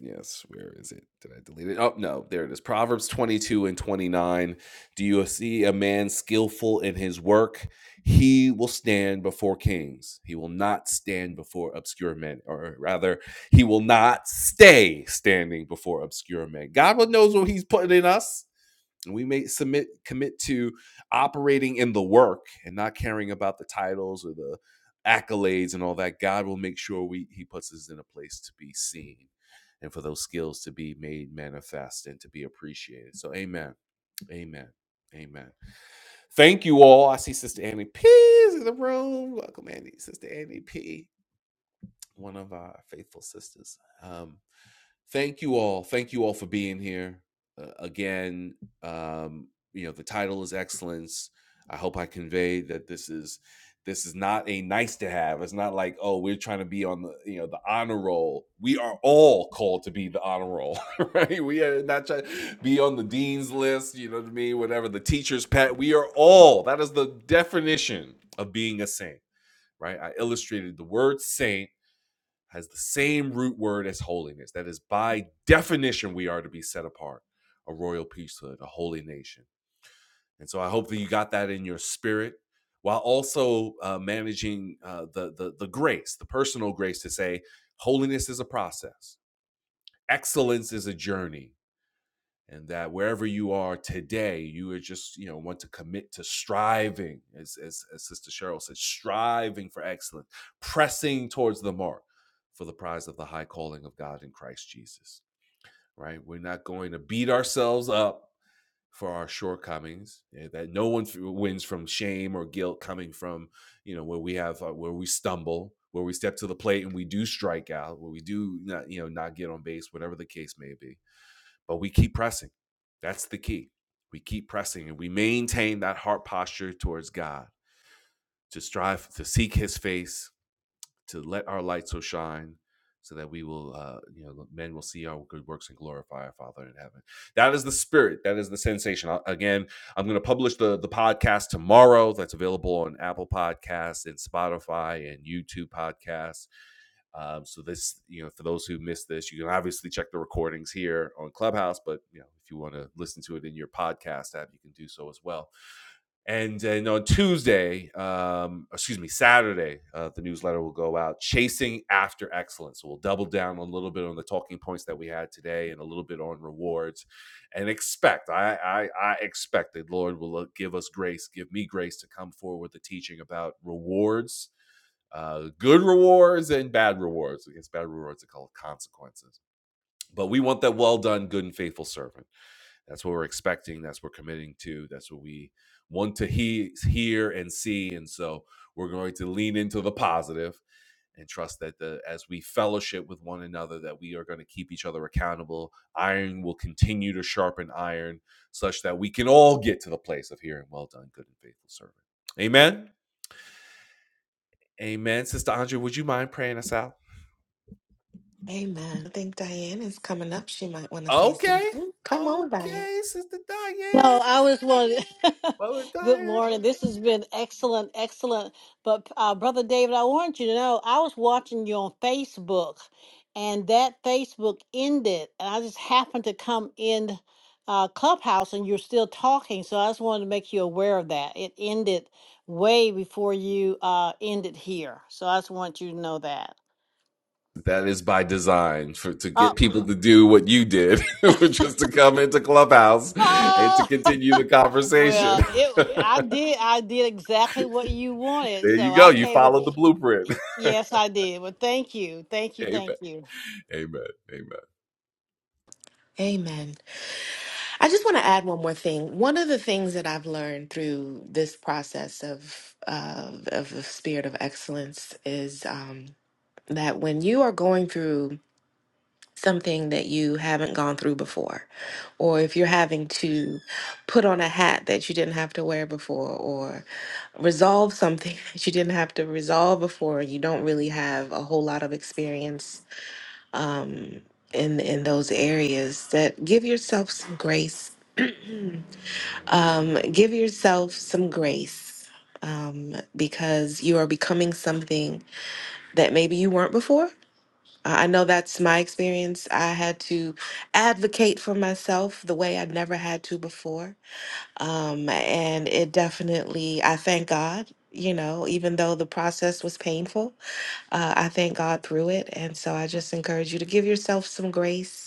S1: Yes, where is it? Did I delete it? Oh, no, there it is. Proverbs 22 and 29. Do you see a man skillful in his work? He will stand before kings. He will not stand before obscure men, or rather, he will not stay standing before obscure men. God knows what he's putting in us. And we may submit commit to operating in the work and not caring about the titles or the accolades and all that. God will make sure we He puts us in a place to be seen and for those skills to be made manifest and to be appreciated. So amen. Amen. Amen. Thank you all. I see Sister Annie P is in the room. Welcome, Annie, Sister Annie P, one of our faithful sisters. Um, thank you all thank you all for being here uh, again um you know the title is excellence i hope i conveyed that this is this is not a nice to have it's not like oh we're trying to be on the you know the honor roll we are all called to be the honor roll right we are not trying to be on the dean's list you know what i mean whatever the teacher's pet we are all that is the definition of being a saint right i illustrated the word saint has the same root word as holiness. That is, by definition, we are to be set apart, a royal priesthood, a holy nation. And so I hope that you got that in your spirit while also uh, managing uh, the, the, the grace, the personal grace to say, holiness is a process, excellence is a journey, and that wherever you are today, you would just you know want to commit to striving, as as, as Sister Cheryl said, striving for excellence, pressing towards the mark for the prize of the high calling of God in Christ Jesus. Right? We're not going to beat ourselves up for our shortcomings. eh, That no one wins from shame or guilt coming from you know where we have uh, where we stumble. Where we step to the plate and we do strike out, where we do not, you know, not get on base, whatever the case may be but we keep pressing. That's the key. We keep pressing and we maintain that heart posture towards God to strive to seek his face to let our light so shine so that we will uh, you know men will see our good works and glorify our father in heaven that is the spirit that is the sensation I, again i'm going to publish the the podcast tomorrow that's available on apple podcasts and spotify and youtube podcasts um, so this, you know, for those who missed this, you can obviously check the recordings here on Clubhouse, but you know, if you want to listen to it in your podcast app, you can do so as well. And then on Tuesday, um, excuse me, Saturday, uh, the newsletter will go out, Chasing After Excellence. We'll double down a little bit on the talking points that we had today and a little bit on rewards. And expect, I, I, I expect that the Lord will uh, give us grace, give me grace to come forward with the teaching about rewards, uh, good rewards and bad rewards. I guess bad rewards are called consequences. But we want that well done, good and faithful servant. That's what we're expecting. That's what we're committing to. That's what we want to he- hear and see. And so we're going to lean into the positive and trust that the, as we fellowship with one another, that we are going to keep each other accountable. Iron will continue to sharpen iron such that we can all get to the place of hearing, well done, good and faithful servant. Amen. Amen. Sister Andrea, would you mind praying us out?
S2: Amen. I think Diane is coming up. She might want to say
S1: Okay.
S2: something. Come on, Diane.
S1: Okay, Sister Diane.
S4: No, I was one.
S1: Brother
S4: Good
S1: Diane.
S4: morning. This has been excellent, excellent. But uh, brother David, I want you to know I was watching you on Facebook, and that Facebook ended, and I just happened to come in uh, Clubhouse, and you're still talking. So I just wanted to make you aware of that. It ended way before you uh, ended here. So I just want you to know that.
S1: That is by design for to
S4: Oh,
S1: get people to do what you did, which was to come into Clubhouse and to
S4: oh.
S1: continue the conversation.
S4: Well, it
S1: there
S4: I did I did exactly what you wanted.
S1: you
S4: So
S1: go.
S4: I
S1: You
S4: came in
S1: followed the blueprint.
S4: Yes, I did. Well, thank you. Thank you.
S1: Amen.
S4: Thank you.
S1: Amen. Amen.
S2: Amen. I just want to add one more thing. One of the things that I've learned through this process of uh, of the spirit of excellence is um, that when you are going through something that you haven't gone through before, or if you're having to put on a hat that you didn't have to wear before, or resolve something that you didn't have to resolve before, you don't really have a whole lot of experience um, in in those areas, that give yourself some grace Um, give yourself some grace um, because you are becoming something that maybe you weren't before. I I know that's my experience. I had to advocate for myself the way I never had to before. Um, and it definitely, I thank God, you know, even though the process was painful, uh, I thank God through it. And so I just encourage you to give yourself some grace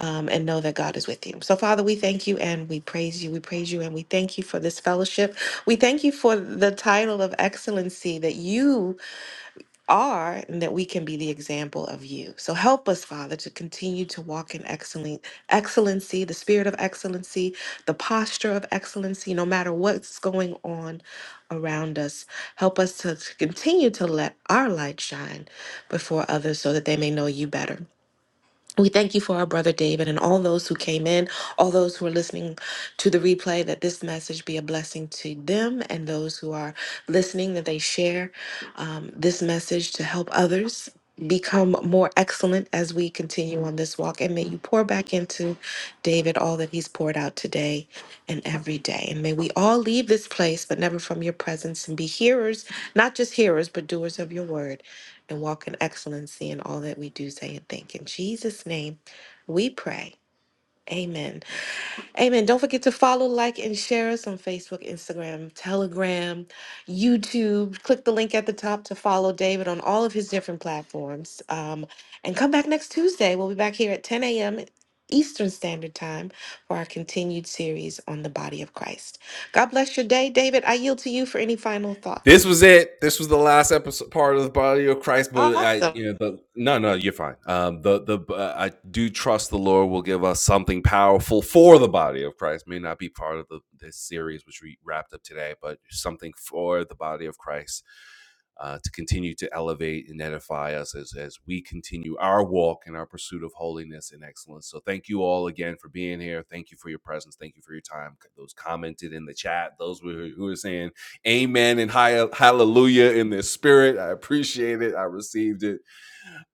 S2: um, and know that God is with you. So, Father, we thank you and we praise you. We praise you and we thank you for this fellowship. We thank you for the title of excellency that you are and that we can be the example of you. So, help us, Father, to continue to walk in excellent, excellency, the spirit of excellency, the posture of excellency, no matter what's going on around us. Help us to to continue to let our light shine before others so that they may know you better. We thank you for our brother David and all those who came in, all those who are listening to the replay, that this message be a blessing to them and those who are listening, that they share um, this message to help others become more excellent as we continue on this walk. And may you pour back into David all that he's poured out today and every day. And may we all leave this place, but never from your presence, and be hearers, not just hearers, but doers of your word and walk in excellency in all that we do say and think. In Jesus' name, we pray. Amen. Amen. Don't forget to follow, like, and share us on Facebook, Instagram, Telegram, YouTube. Click the link at the top to follow David on all of his different platforms. Um, and come back next Tuesday. We'll be back here at 10 a.m. Eastern Standard Time for our continued series on the body of Christ. God bless your day. David, I yield to you for any final
S1: This was
S2: thoughts.
S1: it. This was the last episode part of the body of Christ. But I,
S2: Awesome.
S1: you know, the, no, no, you're fine. Um, the the uh, I do trust the Lord will give us something powerful for the body of Christ. May not be part of the this series which we wrapped up today, but something for the body of Christ uh, to continue to elevate and edify us as as we continue our walk and our pursuit of holiness and excellence. So thank you all again for being here. Thank you for your presence. Thank you for your time. Those commented in the chat. Those who who are saying amen and hallelujah in their spirit. I appreciate it. I received it.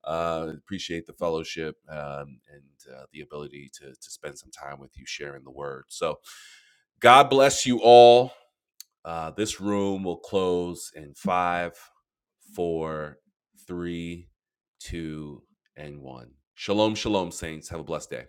S1: Uh, appreciate the fellowship um, and uh, the ability to, to spend some time with you sharing the word. So, God bless you all. Uh, this room will close in five, four, three, two, and one. Shalom, shalom, saints. Have a blessed day.